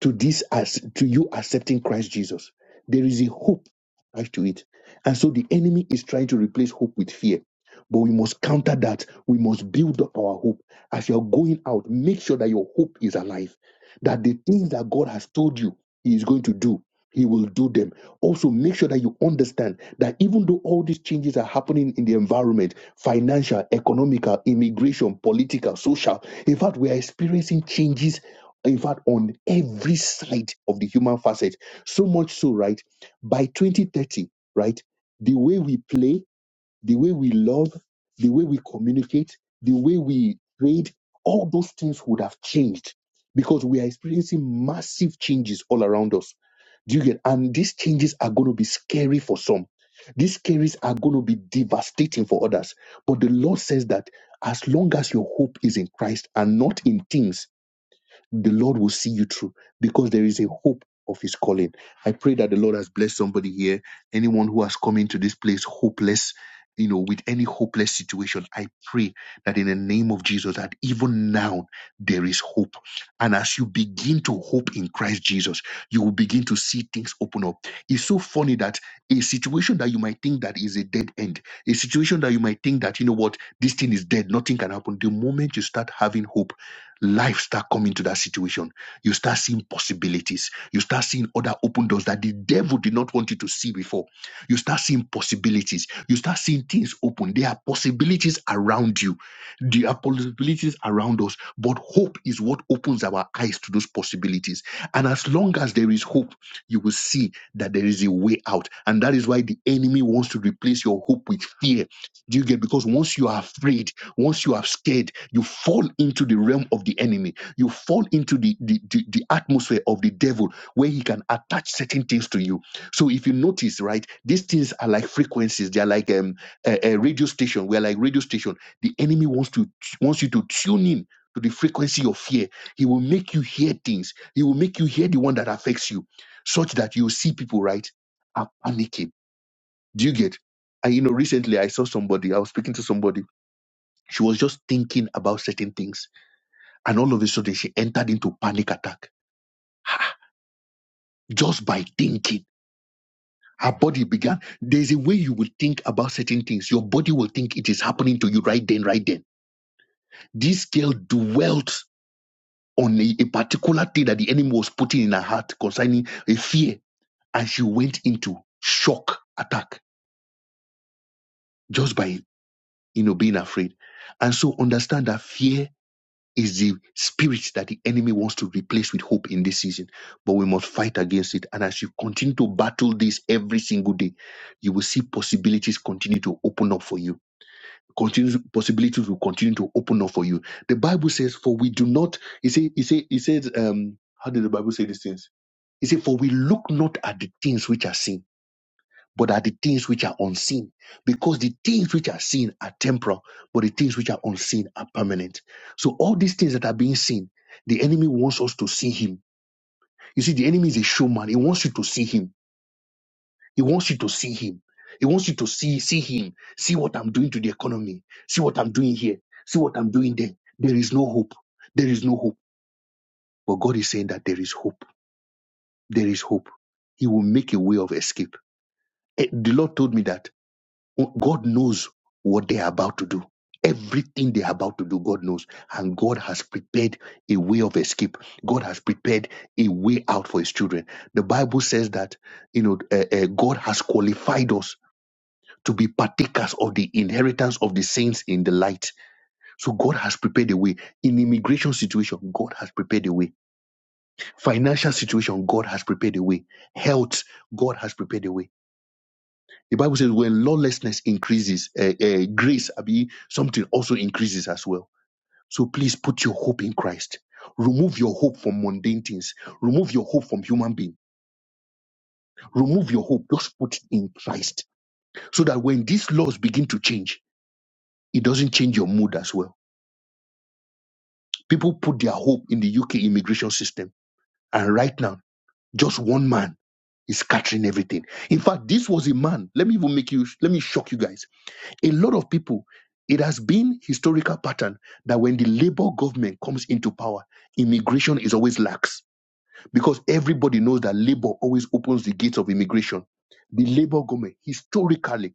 C: to this as to you accepting Christ Jesus. There is a hope attached to it. And so the enemy is trying to replace hope with fear. But we must counter that. We must build up our hope. As you're going out, make sure that your hope is alive. That the things that God has told you He is going to do, He will do them. Also, make sure that you understand that even though all these changes are happening in the environment financial, economical, immigration, political, social in fact, we are experiencing changes in fact, on every side of the human facet. So much so, right? By 2030, right? The way we play, the way we love, the way we communicate, the way we trade, all those things would have changed because we are experiencing massive changes all around us. Do you get? And these changes are going to be scary for some. These carries are going to be devastating for others. But the Lord says that as long as your hope is in Christ and not in things, the Lord will see you through because there is a hope of his calling. I pray that the Lord has blessed somebody here, anyone who has come into this place hopeless, you know, with any hopeless situation. I pray that in the name of Jesus, that even now there is hope. And as you begin to hope in Christ Jesus, you will begin to see things open up. It's so funny that a situation that you might think that is a dead end, a situation that you might think that, you know what, this thing is dead, nothing can happen. The moment you start having hope, life start coming to that situation. You start seeing possibilities. You start seeing other open doors that the devil did not want you to see before. You start seeing possibilities. You start seeing things open. There are possibilities around you. There are possibilities around us. But hope is what opens our eyes to those possibilities. And as long as there is hope, you will see that there is a way out. And that is why the enemy wants to replace your hope with fear. Do you get? Because once you are afraid, once you are scared, you fall into the realm of the enemy. You fall into the, the, the, the atmosphere of the devil where he can attach certain things to you. So if you notice, right, these things are like frequencies. They are like um, a, a radio station. We are like radio station. The enemy wants to wants you to tune in to the frequency of fear. He will make you hear things. He will make you hear the one that affects you, such that you see people, right, are panicking. Do you get? And you know, recently I saw somebody. I was speaking to somebody she was just thinking about certain things. And all of a sudden, she entered into panic attack just by thinking. Her body began. There's a way you will think about certain things. Your body will think it is happening to you right then, right then. This girl dwelt on a, a particular thing that the enemy was putting in her heart concerning a fear. And she went into shock attack just by, you know, being afraid. And so understand that fear is the spirit that the enemy wants to replace with hope in this season. But we must fight against it. And as you continue to battle this every single day, you will see possibilities continue to open up for you. Continue, possibilities will continue to open up for you. The Bible says, "For we do not." It say, it say, it says, um, "How did the Bible say these things?" It says, "For we look not at the things which are seen." but are the things which are unseen. Because the things which are seen are temporal, but the things which are unseen are permanent. So all these things that are being seen, the enemy wants us to see him. You see, the enemy is a showman. He wants you to see him. He wants you to see him. He wants you to see, see him. See what I'm doing to the economy. See what I'm doing here. See what I'm doing there. There is no hope. There is no hope. But God is saying that there is hope. There is hope. He will make a way of escape. Eh, The Lord told me that God knows what they are about to do. Everything they are about to do, God knows. And God has prepared a way of escape. God has prepared a way out for his children. The Bible says that, you know, uh, uh, God has qualified us to be partakers of the inheritance of the saints in the light. So God has prepared a way. In immigration situation, God has prepared a way. Financial situation, God has prepared a way. Health, God has prepared a way the Bible says when lawlessness increases, uh, uh, grace, abi, something also increases as well. So please put your hope in Christ. Remove your hope from mundane things. Remove your hope from human being. Remove your hope. Just put it in Christ. So that when these laws begin to change, it doesn't change your mood as well. People put their hope in the UK immigration system. And right now, just one man is scattering everything. In fact, this was a man. Let me even make you, let me shock you guys a lot of people it has been historical pattern that when the labor government comes into power immigration is always lax because everybody knows that labor always opens the gates of immigration the labor government historically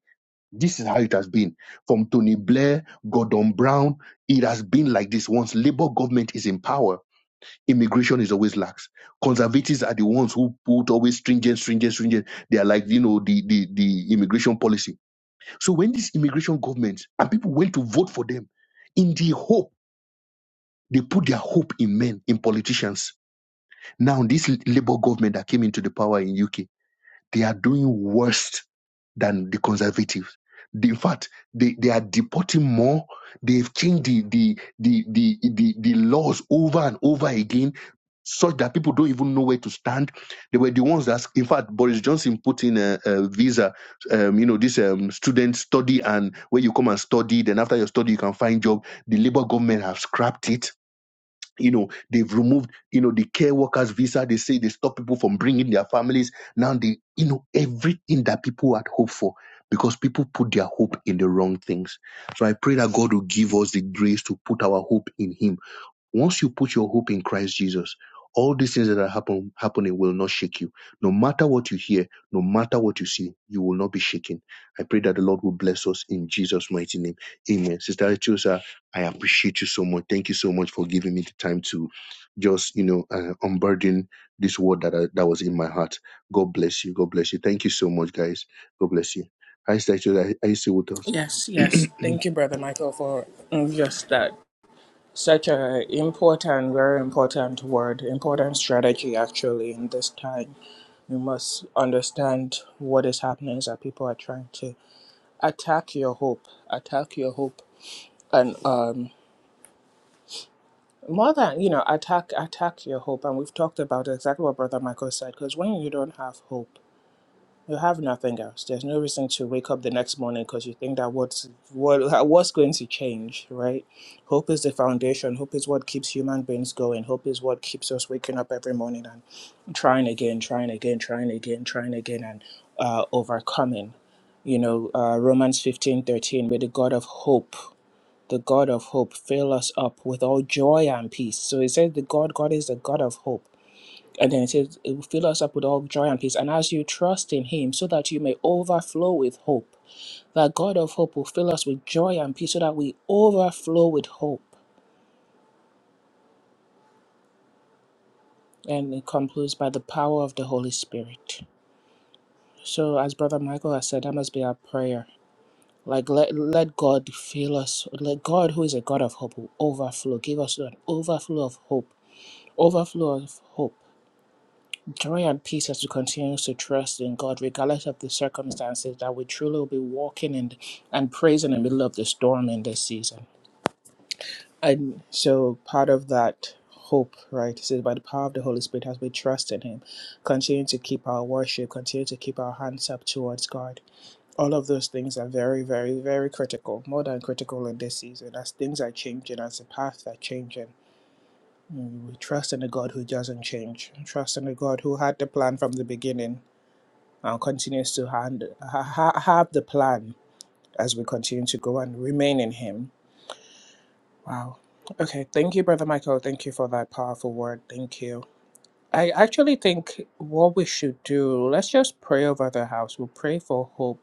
C: this is how it has been from tony blair gordon brown it has been like this once labor government is in power immigration is always lax conservatives are the ones who put always stringent stringent stringent they are like you know the the, the immigration policy so when this immigration government and people went to vote for them in the hope, they put their hope in men, in politicians. Now this Labour government that came into the power in UK, they are doing worse than the conservatives. They- in fact, they, they are deporting more. They've changed the, the, the, the, the, the laws over and over again such that people don't even know where to stand. They were the ones that, in fact, Boris Johnson put in a, a visa, um, you know, this um, student study and where you come and study, then after your study you can find job. The Labour government have scrapped it you know they've removed you know the care workers visa they say they stop people from bringing their families now they you know everything that people had hoped for because people put their hope in the wrong things so i pray that god will give us the grace to put our hope in him once you put your hope in Christ Jesus, all these things that are happen, happening will not shake you. No matter what you hear, no matter what you see, you will not be shaken. I pray that the Lord will bless us in Jesus' mighty name. Amen. Sister Etiosa, I appreciate you so much. Thank you so much for giving me the time to just, you know, uh, unburden this word that I, that was in my heart. God bless you. God bless you. Thank you so much, guys. God bless you. Hi, Sister Etiosa. Are you still
A: Yes, yes.
C: with
A: Thank you, Brother Michael, for mm, just that. Such a important, very important word, important strategy actually in this time. You must understand what is happening is that people are trying to attack your hope, attack your hope, and um, more than you know, attack, attack your hope. And we've talked about exactly what Brother Michael said. Because when you don't have hope, You have nothing else. There's no reason to wake up the next morning because you think that what's what what's going to change, right? Hope is the foundation. Hope is what keeps human beings going. Hope is what keeps us waking up every morning and trying again, trying again, trying again, trying again, and uh, overcoming. You know, uh, Romans fifteen thirteen. May the God of hope, the God of hope, fill us up with all joy and peace. So it says, the God, God is the God of hope and then it says, It will fill us up with all joy and peace. And as you trust in Him, so that you may overflow with hope, that God of hope will fill us with joy and peace, so that we overflow with hope. And it concludes by the power of the Holy Spirit. So, as Brother Michael has said, that must be our prayer. Like, let, let God fill us. Let God, who is a God of hope, will overflow. Give us an overflow of hope. Overflow of hope Joy and peace as we continue to trust in God, regardless of the circumstances, that we truly will be walking in and praise in the middle of the storm in this season. And so part of that hope, right, is by the power of the Holy Spirit as we trust in Him, continue to keep our worship, continue to keep our hands up towards God. All of those things are very, very, very critical, more than critical in this season, as things are changing, as the paths are changing. We trust in a God who doesn't change. Trust in a God who had the plan from the beginning and continues to hand, ha, ha, have the plan as we continue to go and remain in Him. Wow. Okay. Thank you, Brother Michael. Thank you for that powerful word. Thank you. I actually think what we should do, let's just pray over the house. We'll pray for hope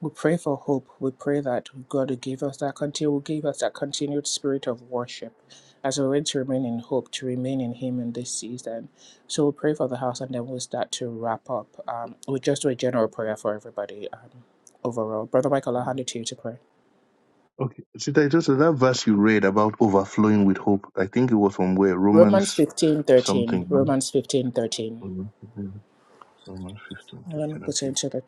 A: we pray for hope. We pray that God will give us that continue will give us that continued spirit of worship as we're ready to remain in hope, to remain in Him in this season. So we pray for the house and then we'll start to wrap up. Um, we just do a general prayer for everybody um, overall. Brother Michael,
C: us?
A: I'll hand it to you to pray.
C: Okay. Sita, it was that verse you read about overflowing with hope. I think it was from where?
A: Romans
C: Romans
A: fifteen
C: something,
A: thirteen.
C: man.
A: Romans fifteen thirteen.
C: Romans 15 13. Romans
A: And let me put it into the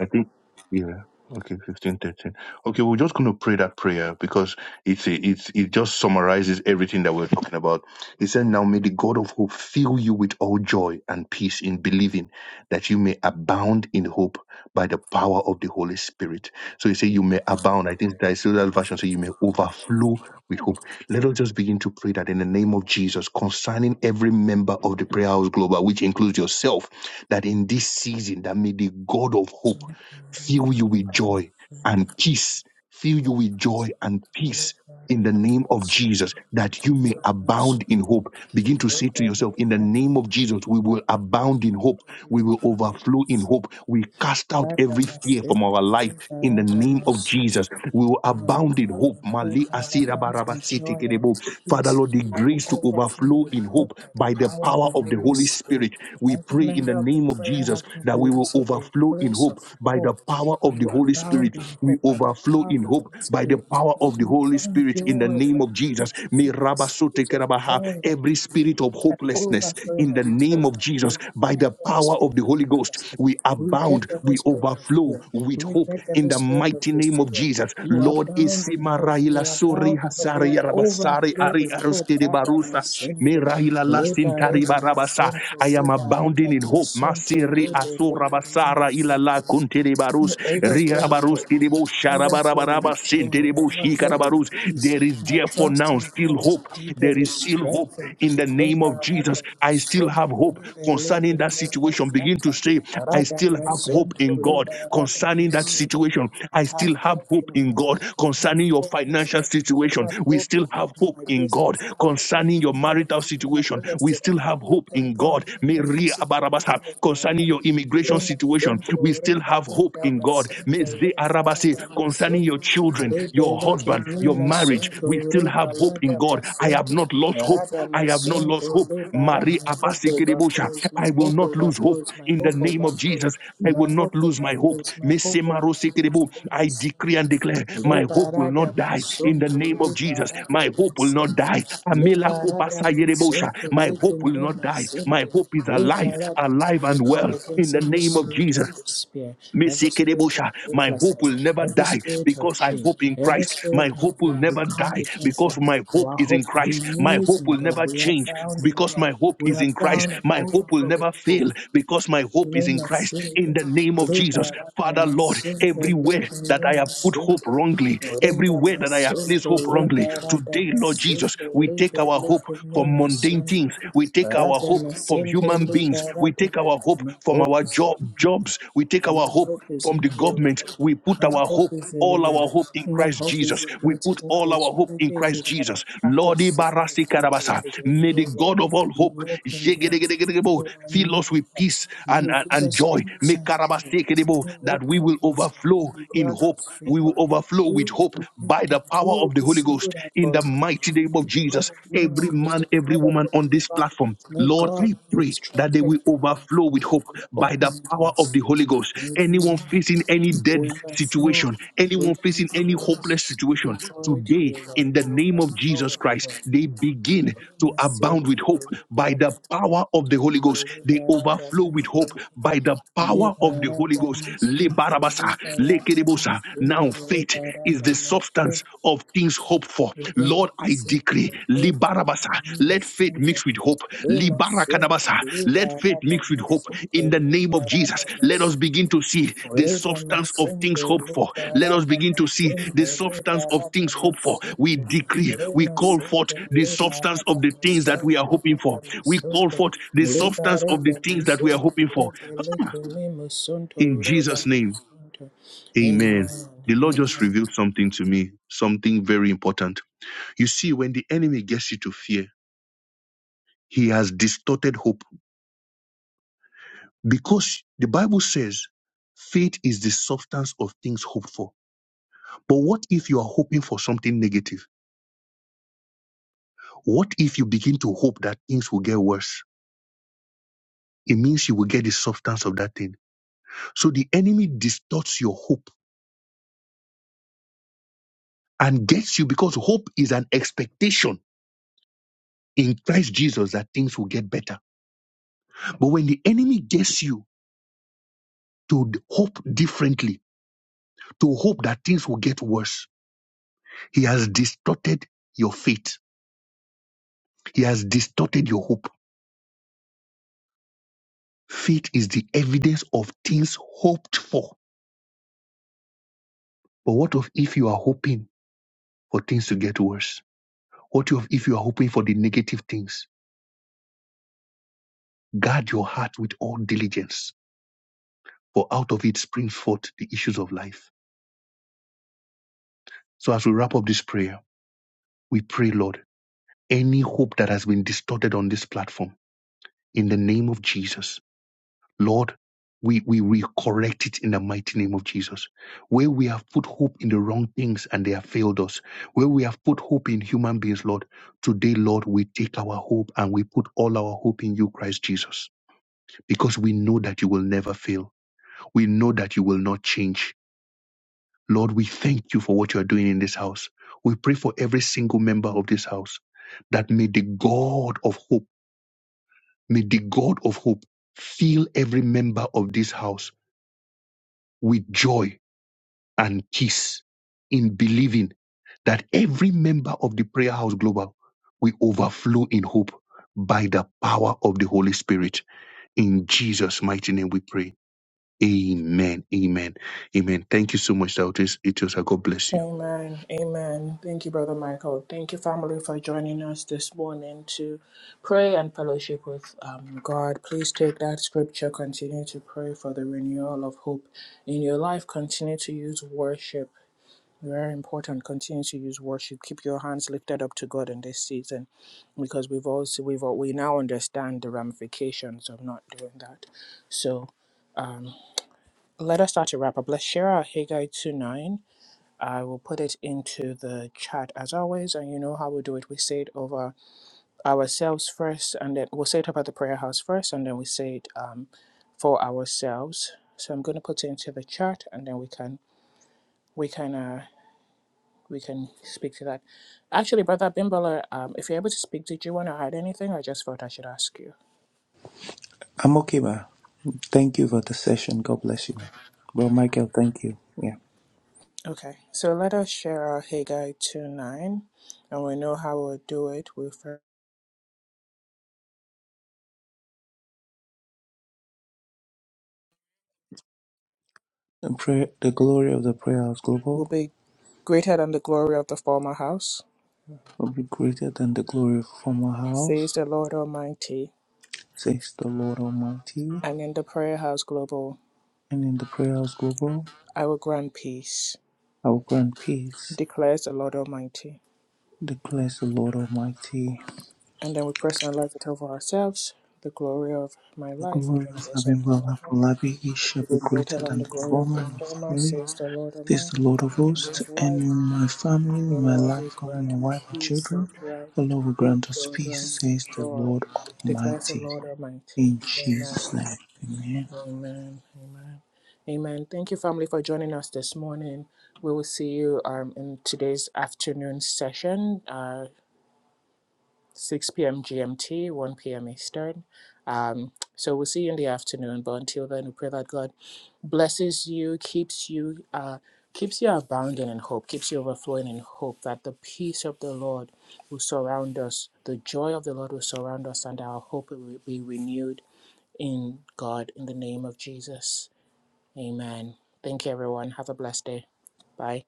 C: I think, yeah. Okay, fifteen thirteen. Okay, we're just going to pray that prayer because it's a, it's it just summarizes everything that we're talking about. He said, "Now may the God of hope fill you with all joy and peace in believing, that you may abound in hope by the power of the Holy Spirit." So he said, "You may abound." I think that is still that version. So you may overflow with hope. Let us just begin to pray that in the name of Jesus, concerning every member of the Prayer House Global, which includes yourself, that in this season, that may the God of hope fill you with joy and peace. Fill you with joy and peace in the name of Jesus, that you may abound in hope. Begin to say to yourself, in the name of Jesus, we will abound in hope we will
A: chat.
C: overflow in hope. We cast out
A: Radha
C: every fear
A: Masita,
C: from our life in the
A: Radha
C: name of
A: Masita,
C: Jesus. We will
A: all
C: abound in
A: abound
C: hope.
A: in hope,
C: Mali
A: I all
C: asira
A: abound
C: baraba
A: in joy and
C: kerebo. Father,
A: peace.
C: Lord, the
A: I will
C: grace to
A: overflow
C: overflow
A: with
C: in
A: hope
C: hope
A: by the
C: by the
A: power of
C: power
A: the
C: of the
A: Holy
C: Holy
A: Spirit.
C: Spirit. We
A: Every
C: pray in the
A: member of the
C: name of
A: prayer
C: Jesus
A: having
C: that we
A: will
C: will
A: this will be a
C: overflow in
A: place
C: hope
A: of
C: by the
A: hope.
C: power of
A: We
C: the
A: will
C: Holy
A: abound
C: Spirit.
A: in
C: We
A: hope by the
C: overflow
A: power of
C: in
A: the
C: hope
A: Holy
C: by the
A: Spirit.
C: power
A: That
C: of
A: we
C: the
A: will
C: Holy
A: find
C: Spirit in the
A: joy
C: name of
A: and
C: Jesus.
A: peace. This will
C: May
A: be a
C: Rabba
A: space of
C: Kerabaha,
A: joy and
C: Every spirit of spirit of
A: that
C: hopelessness in
A: overflowing
C: the
A: of
C: name
A: hope.
C: of
A: Reject
C: Jesus. By the
A: every
C: power of
A: spirit
C: the Holy
A: of
C: Ghost,
A: hopelessness.
C: we abound,
A: Reject every
C: we
A: spirit of
C: overflow
A: fear.
C: with hope
A: Reject
C: in
A: every
C: the
A: spirit of
C: mighty name of
A: despair.
C: Jesus.
A: You are
C: Lord,
A: bound in
C: Isima
A: hope.
C: Raila
A: You are
C: Sori
A: bound in hope.
C: Hasari
A: You
C: Yarabasari
A: overflow
C: Ari
A: with hope.
C: Aruske de
A: Rada
C: Barusa Me
A: masente.
C: Raila Lasin
A: Leba rega
C: Tariba Rabasa.
A: masonto.
C: I am
A: Leba rada
C: abounding in hope.
A: masonto.
C: Masiri
A: Lebe
C: Asura
A: leke me
C: Basara Ilala
A: masonto.
C: Kunte de
A: You
C: Barus
A: overflow in hope.
C: Rirabaruski de Bo
A: I overflowing
C: Sharabarabaraba
A: with joy,
C: Sinte de
A: I
C: Bo
A: overflowing
C: Shikarabarus.
A: with peace.
C: There is
A: My
C: dear therefore
A: trust
C: now
A: in
C: still
A: God is
C: hope. There
A: deepened,
C: is
A: is
C: still hope
A: strengthened.
C: in the name of Jesus.
A: Lebarata
C: I still
A: masunto,
C: have hope
A: libelete
C: concerning that
A: lema
C: situation. Begin to
A: santa,
C: say, I
A: arada
C: still have hope
A: masunto,
C: in God
A: lebarata
C: concerning that
A: masunto.
C: situation.
A: I
C: I
A: have
C: still have
A: hope
C: hope
A: in
C: in God
A: God. I have
C: concerning your
A: hope in
C: financial
A: God. I
C: situation.
A: have
C: We
A: hope in
C: still have
A: God in
C: hope
A: my
C: in God
A: business. I have hope
C: concerning your
A: in God
C: marital
A: in my
C: situation.
A: real
C: We
A: estate. I
C: still
A: have
C: have
A: hope
C: hope
A: in
C: in
A: God
C: God.
A: in every
C: Mary Abarabasa,
A: situation of my
C: Concerning
A: life.
C: your immigration
A: Lema
C: situation,
A: sonto
C: we still
A: reba
C: have
A: la
C: hope in
A: dama
C: God.
A: sonto
C: Meze
A: reba la
C: Arabase,
A: dama
C: concerning your
A: sonto
C: children,
A: rebe
C: your
A: leke
C: husband, your
A: nima
C: marriage.
A: sonto
C: We still
A: reba
C: have
A: la
C: hope in
A: dama
C: God. I have
A: sonto
C: not lost hope.
A: rada
C: I
A: ma
C: have not
A: sonto
C: lost hope.
A: reba ra
C: Marie
A: my hope
C: Abasikirebosha,
A: overflows my
C: I will
A: hope
C: not lose hope
A: overflows my
C: in the
A: hope
C: name of
A: overflows
C: Jesus. I
A: my
C: will
A: hope
C: not lose my hope.
A: overflows my hope overflows
C: Mesemarosikerebo,
A: lema
C: I decree
A: sonto
C: and declare my
A: reba
C: hope will
A: rada
C: not
A: ma
C: die in the
A: sonto
C: name of
A: reba
C: Jesus.
A: rada
C: My
A: ma
C: hope will not
A: sonto
C: die. Amela
A: reba rada ma
C: kopasayerebosha, My
A: leke
C: hope will not
A: nima
C: die. My
A: sonto
C: hope is alive,
A: Liberata,
C: alive
A: I
C: and
A: come
C: well in
A: against
C: the
A: every
C: name of
A: spirit of
C: Jesus.
A: despair, every spirit of
C: Mesekerebosha. My hope will
A: hopelessness,
C: never
A: every
C: die
A: spirit of
C: because I
A: shame,
C: hope in
A: every
C: Christ.
A: spirit
C: My
A: of
C: hope will
A: fear. We
C: never
A: come
C: die
A: against them.
C: because my hope
A: Our
C: is
A: hope
C: in Christ. My
A: renews
C: hope
A: in
C: will
A: God.
C: never
A: We are
C: change
A: bound in
C: because
A: God.
C: my hope
A: We
C: is
A: are
C: in Christ.
A: bound and
C: My hope will
A: overflow with
C: never
A: hope.
C: fail because my hope is in
A: Nema
C: Christ.
A: sinte,
C: In the name of
A: leba
C: Jesus,
A: rada
C: Father, Lord,
A: masunto,
C: everywhere
A: leke
C: that I
A: nema
C: have put hope
A: sinte,
C: wrongly,
A: reda
C: everywhere that I have placed
A: masunto,
C: hope
A: leba
C: wrongly.
A: rada
C: Today, Lord Jesus,
A: masunto,
C: we take
A: lebe
C: our hope
A: leke
C: from
A: nema
C: mundane
A: sunto,
C: things. We take our
A: rada
C: hope from
A: masinte,
C: human
A: leba
C: beings. We
A: rada
C: take our hope from our
A: mahokusa.
C: job jobs. We take
A: And My
C: our hope
A: hope is
C: from
A: in
C: the
A: you.
C: government. We put
A: My
C: our
A: hope
C: hope
A: is in
C: all
A: you.
C: our hope in
A: My
C: Christ
A: hope is
C: Jesus.
A: in
C: We
A: you. It
C: put
A: is not
C: all
A: in
C: our hope in
A: strategy. It
C: Christ
A: is not in
C: Jesus. Lord,
A: tactics. It is not in
C: Ibarasi
A: people.
C: Karabasa,
A: It is in
C: may the
A: your
C: God
A: word.
C: of all hope
A: You open doors.
C: Yegedegedegedegebo,
A: You
C: fill us with
A: are
C: peace
A: us. You
C: and,
A: will
C: and,
A: give
C: and
A: us
C: joy.
A: peace
C: May
A: and joy.
C: Karabasekedebo,
A: You will
C: that we
A: open
C: will
A: doors. You
C: overflow
A: will
C: in
A: grant
C: hope.
A: us
C: We will
A: favor.
C: overflow
A: We
C: with
A: will
C: hope
A: be
C: by
A: picked
C: the
A: up. We
C: power
A: will
C: of the
A: be
C: Holy Ghost
A: singled out
C: in
A: for
C: the
A: you.
C: mighty name
A: The
C: of
A: God
C: Jesus.
A: of
C: Every
A: miracles,
C: man,
A: the
C: every
A: God of
C: woman
A: the
C: on this
A: divine,
C: platform
A: the
C: platform. Lord,
A: God
C: I
A: of
C: pray
A: strong
C: that they will
A: technical,
C: overflow with hope
A: will
C: by
A: open
C: the power
A: doors.
C: of the Holy Ghost.
A: Indeed,
C: Anyone facing any dead
A: we overflow
C: situation, anyone
A: with
C: facing
A: these
C: any hopeless
A: prayers. We do
C: situation,
A: pour it here,
C: today,
A: Lord.
C: in
A: We
C: the name of
A: overflow
C: Jesus
A: with
C: Christ,
A: prayer.
C: they begin to
A: Namaste,
C: abound with hope by the power of the Holy Ghost. They overflow with hope by the power of the Holy Ghost. Le barabasa, now
A: Lord.
C: faith is the substance
A: that
C: of things hoped for.
A: Lima
C: Lord, I decree,
A: Centro Libera
C: Libarabasa,
A: Dama
C: let faith
A: Center
C: mix with hope.
A: Lima Centro
C: Libarakadabasa, let faith
A: Libera
C: mix with
A: Dama
C: hope. In
A: Center
C: the name of
A: Libera
C: Jesus,
A: Dama
C: let us begin
A: Center
C: to see the
A: Orida
C: substance of things
A: Masente
C: hoped for. Let
A: Libera
C: us begin
A: Dama
C: to see the
A: Center Libera
C: substance of things
A: Dama
C: hoped for. We
A: Center
C: decree, we
A: Lima
C: call forth
A: Centro
C: the
A: Libera
C: substance of the
A: Dama
C: things that we are
A: Center
C: hoping for.
A: Dama
C: We call
A: Center
C: forth the substance
A: Libera
C: of the
A: Dama
C: things that we are
A: Center
C: hoping for.
A: Libera Dama Center
C: In
A: Libera
C: Jesus'
A: Dama
C: name.
A: Center
C: Amen.
A: Amen.
C: The Lord just
A: Amen.
C: revealed something to me, something very important. You see, when the enemy gets you to fear, he has distorted hope because the Bible says faith is the substance of things hoped for. But what if you are hoping for something negative? What if you begin to hope that things will get worse? It means you will get the substance of that thing. So the enemy distorts your hope and gets you because hope is an expectation in Christ Jesus that things will get better. But when the enemy gets you, to hope differently, to hope that things will get worse. He has distorted your faith. He has distorted your hope. Faith is the evidence of things hoped for. But what of if you are hoping for things to get worse? What of if you are hoping for the negative things? Guard your heart with all diligence, for out of it springs forth the issues of life. So as we wrap up this prayer, we pray, Lord, any hope that has been distorted on this platform, in the name of Jesus, Lord, we, we, we correct it in the mighty name of Jesus. Where we have put hope in the wrong things and they have failed us, where we have put hope in human beings, Lord, today, Lord, we take our hope and we put all our hope in you, Christ Jesus, because we know that you will never fail. We know that you will not change. Lord, we thank you for what you are doing in this house. We pray for every single member of this house that may the God of hope, may the God of hope fill every member of this house with joy and kiss in believing that every member of the Prayer House Global will overflow in hope by the power of the Holy Spirit. In Jesus' mighty name we pray. Amen. Amen. Amen. Thank you so much, Doubters. It was God bless you.
A: Amen. Amen. Thank you, Brother Michael. Thank you, family, for joining us this morning to pray and fellowship with um, God. Please take that scripture, continue to pray for the renewal of hope in your life, continue to use worship. Very important. Continue to use worship. Keep your hands lifted up to God in this season, because we've also we've al- we now understand the ramifications of not doing that. So um, let us start to wrap up. Let's share our Haggai two nine I will put it into the chat as always. And you know how we do it. We say it over ourselves first, and then we'll say it about the prayer house first, and then we say it um, for ourselves. So I'm going to put it into the chat, and then we can we can uh, we can speak to that. Actually, Brother Bimbala, um, if you're able to speak, did you want to add anything? I just thought I should ask you.
B: I'm okay, ma. Thank you for the session. God bless you, ma. Bro Michael, thank you. Yeah.
A: Okay, so let us share our Haggai 2 9, and we know how we'll do it. We'll,
B: The, prayer, the glory of the prayer house
A: we'll
B: global
A: be greater than the glory of the former house.
B: will be greater than the glory of former
A: says
B: house,
A: the Lord Almighty,
B: says the Lord Almighty.
A: and in the Prayer House Global,
B: And in the prayer house global,
A: I will grant peace,
B: I will grant peace,
A: declares the Lord Almighty.
B: declares the Lord Almighty.
A: And then we personalize it over ourselves. The glory of my
B: The
A: life and
B: glory
A: the
B: of
A: cares of my life
B: Abimelech he shall be
A: will be greater
B: greater
A: than
B: than
A: the
B: the
A: glory of
B: former
A: the
B: in my
A: former,
B: family,
A: says the Lord
B: says the
A: Almighty.
B: Lord of
A: And in my
B: hosts, and
A: life,
B: in my family,
A: the
B: in my
A: Lord will
B: life, over my
A: grant
B: wife and
A: peace, will
B: children,
A: grant
B: the Lord will
A: hope,
B: grant us
A: will grant
B: peace, says the
A: joy,
B: Lord
A: declares the
B: Almighty.
A: Lord Almighty.
B: In
A: Amen.
B: Jesus' name, amen.
A: Amen. Amen. Amen. Thank you, family, for joining us this morning. We will see you um, in today's afternoon session, uh, 6 p.m. GMT, 1 p.m. Eastern. Um, so we'll see you in the afternoon. But until then, we pray that God blesses you, keeps you, uh, keeps you abounding in hope, keeps you overflowing in hope. That the peace of the Lord will surround us, the joy of the Lord will surround us, and our hope will be renewed in God in the name of Jesus. Amen. Thank you, everyone. Have a blessed day. Bye.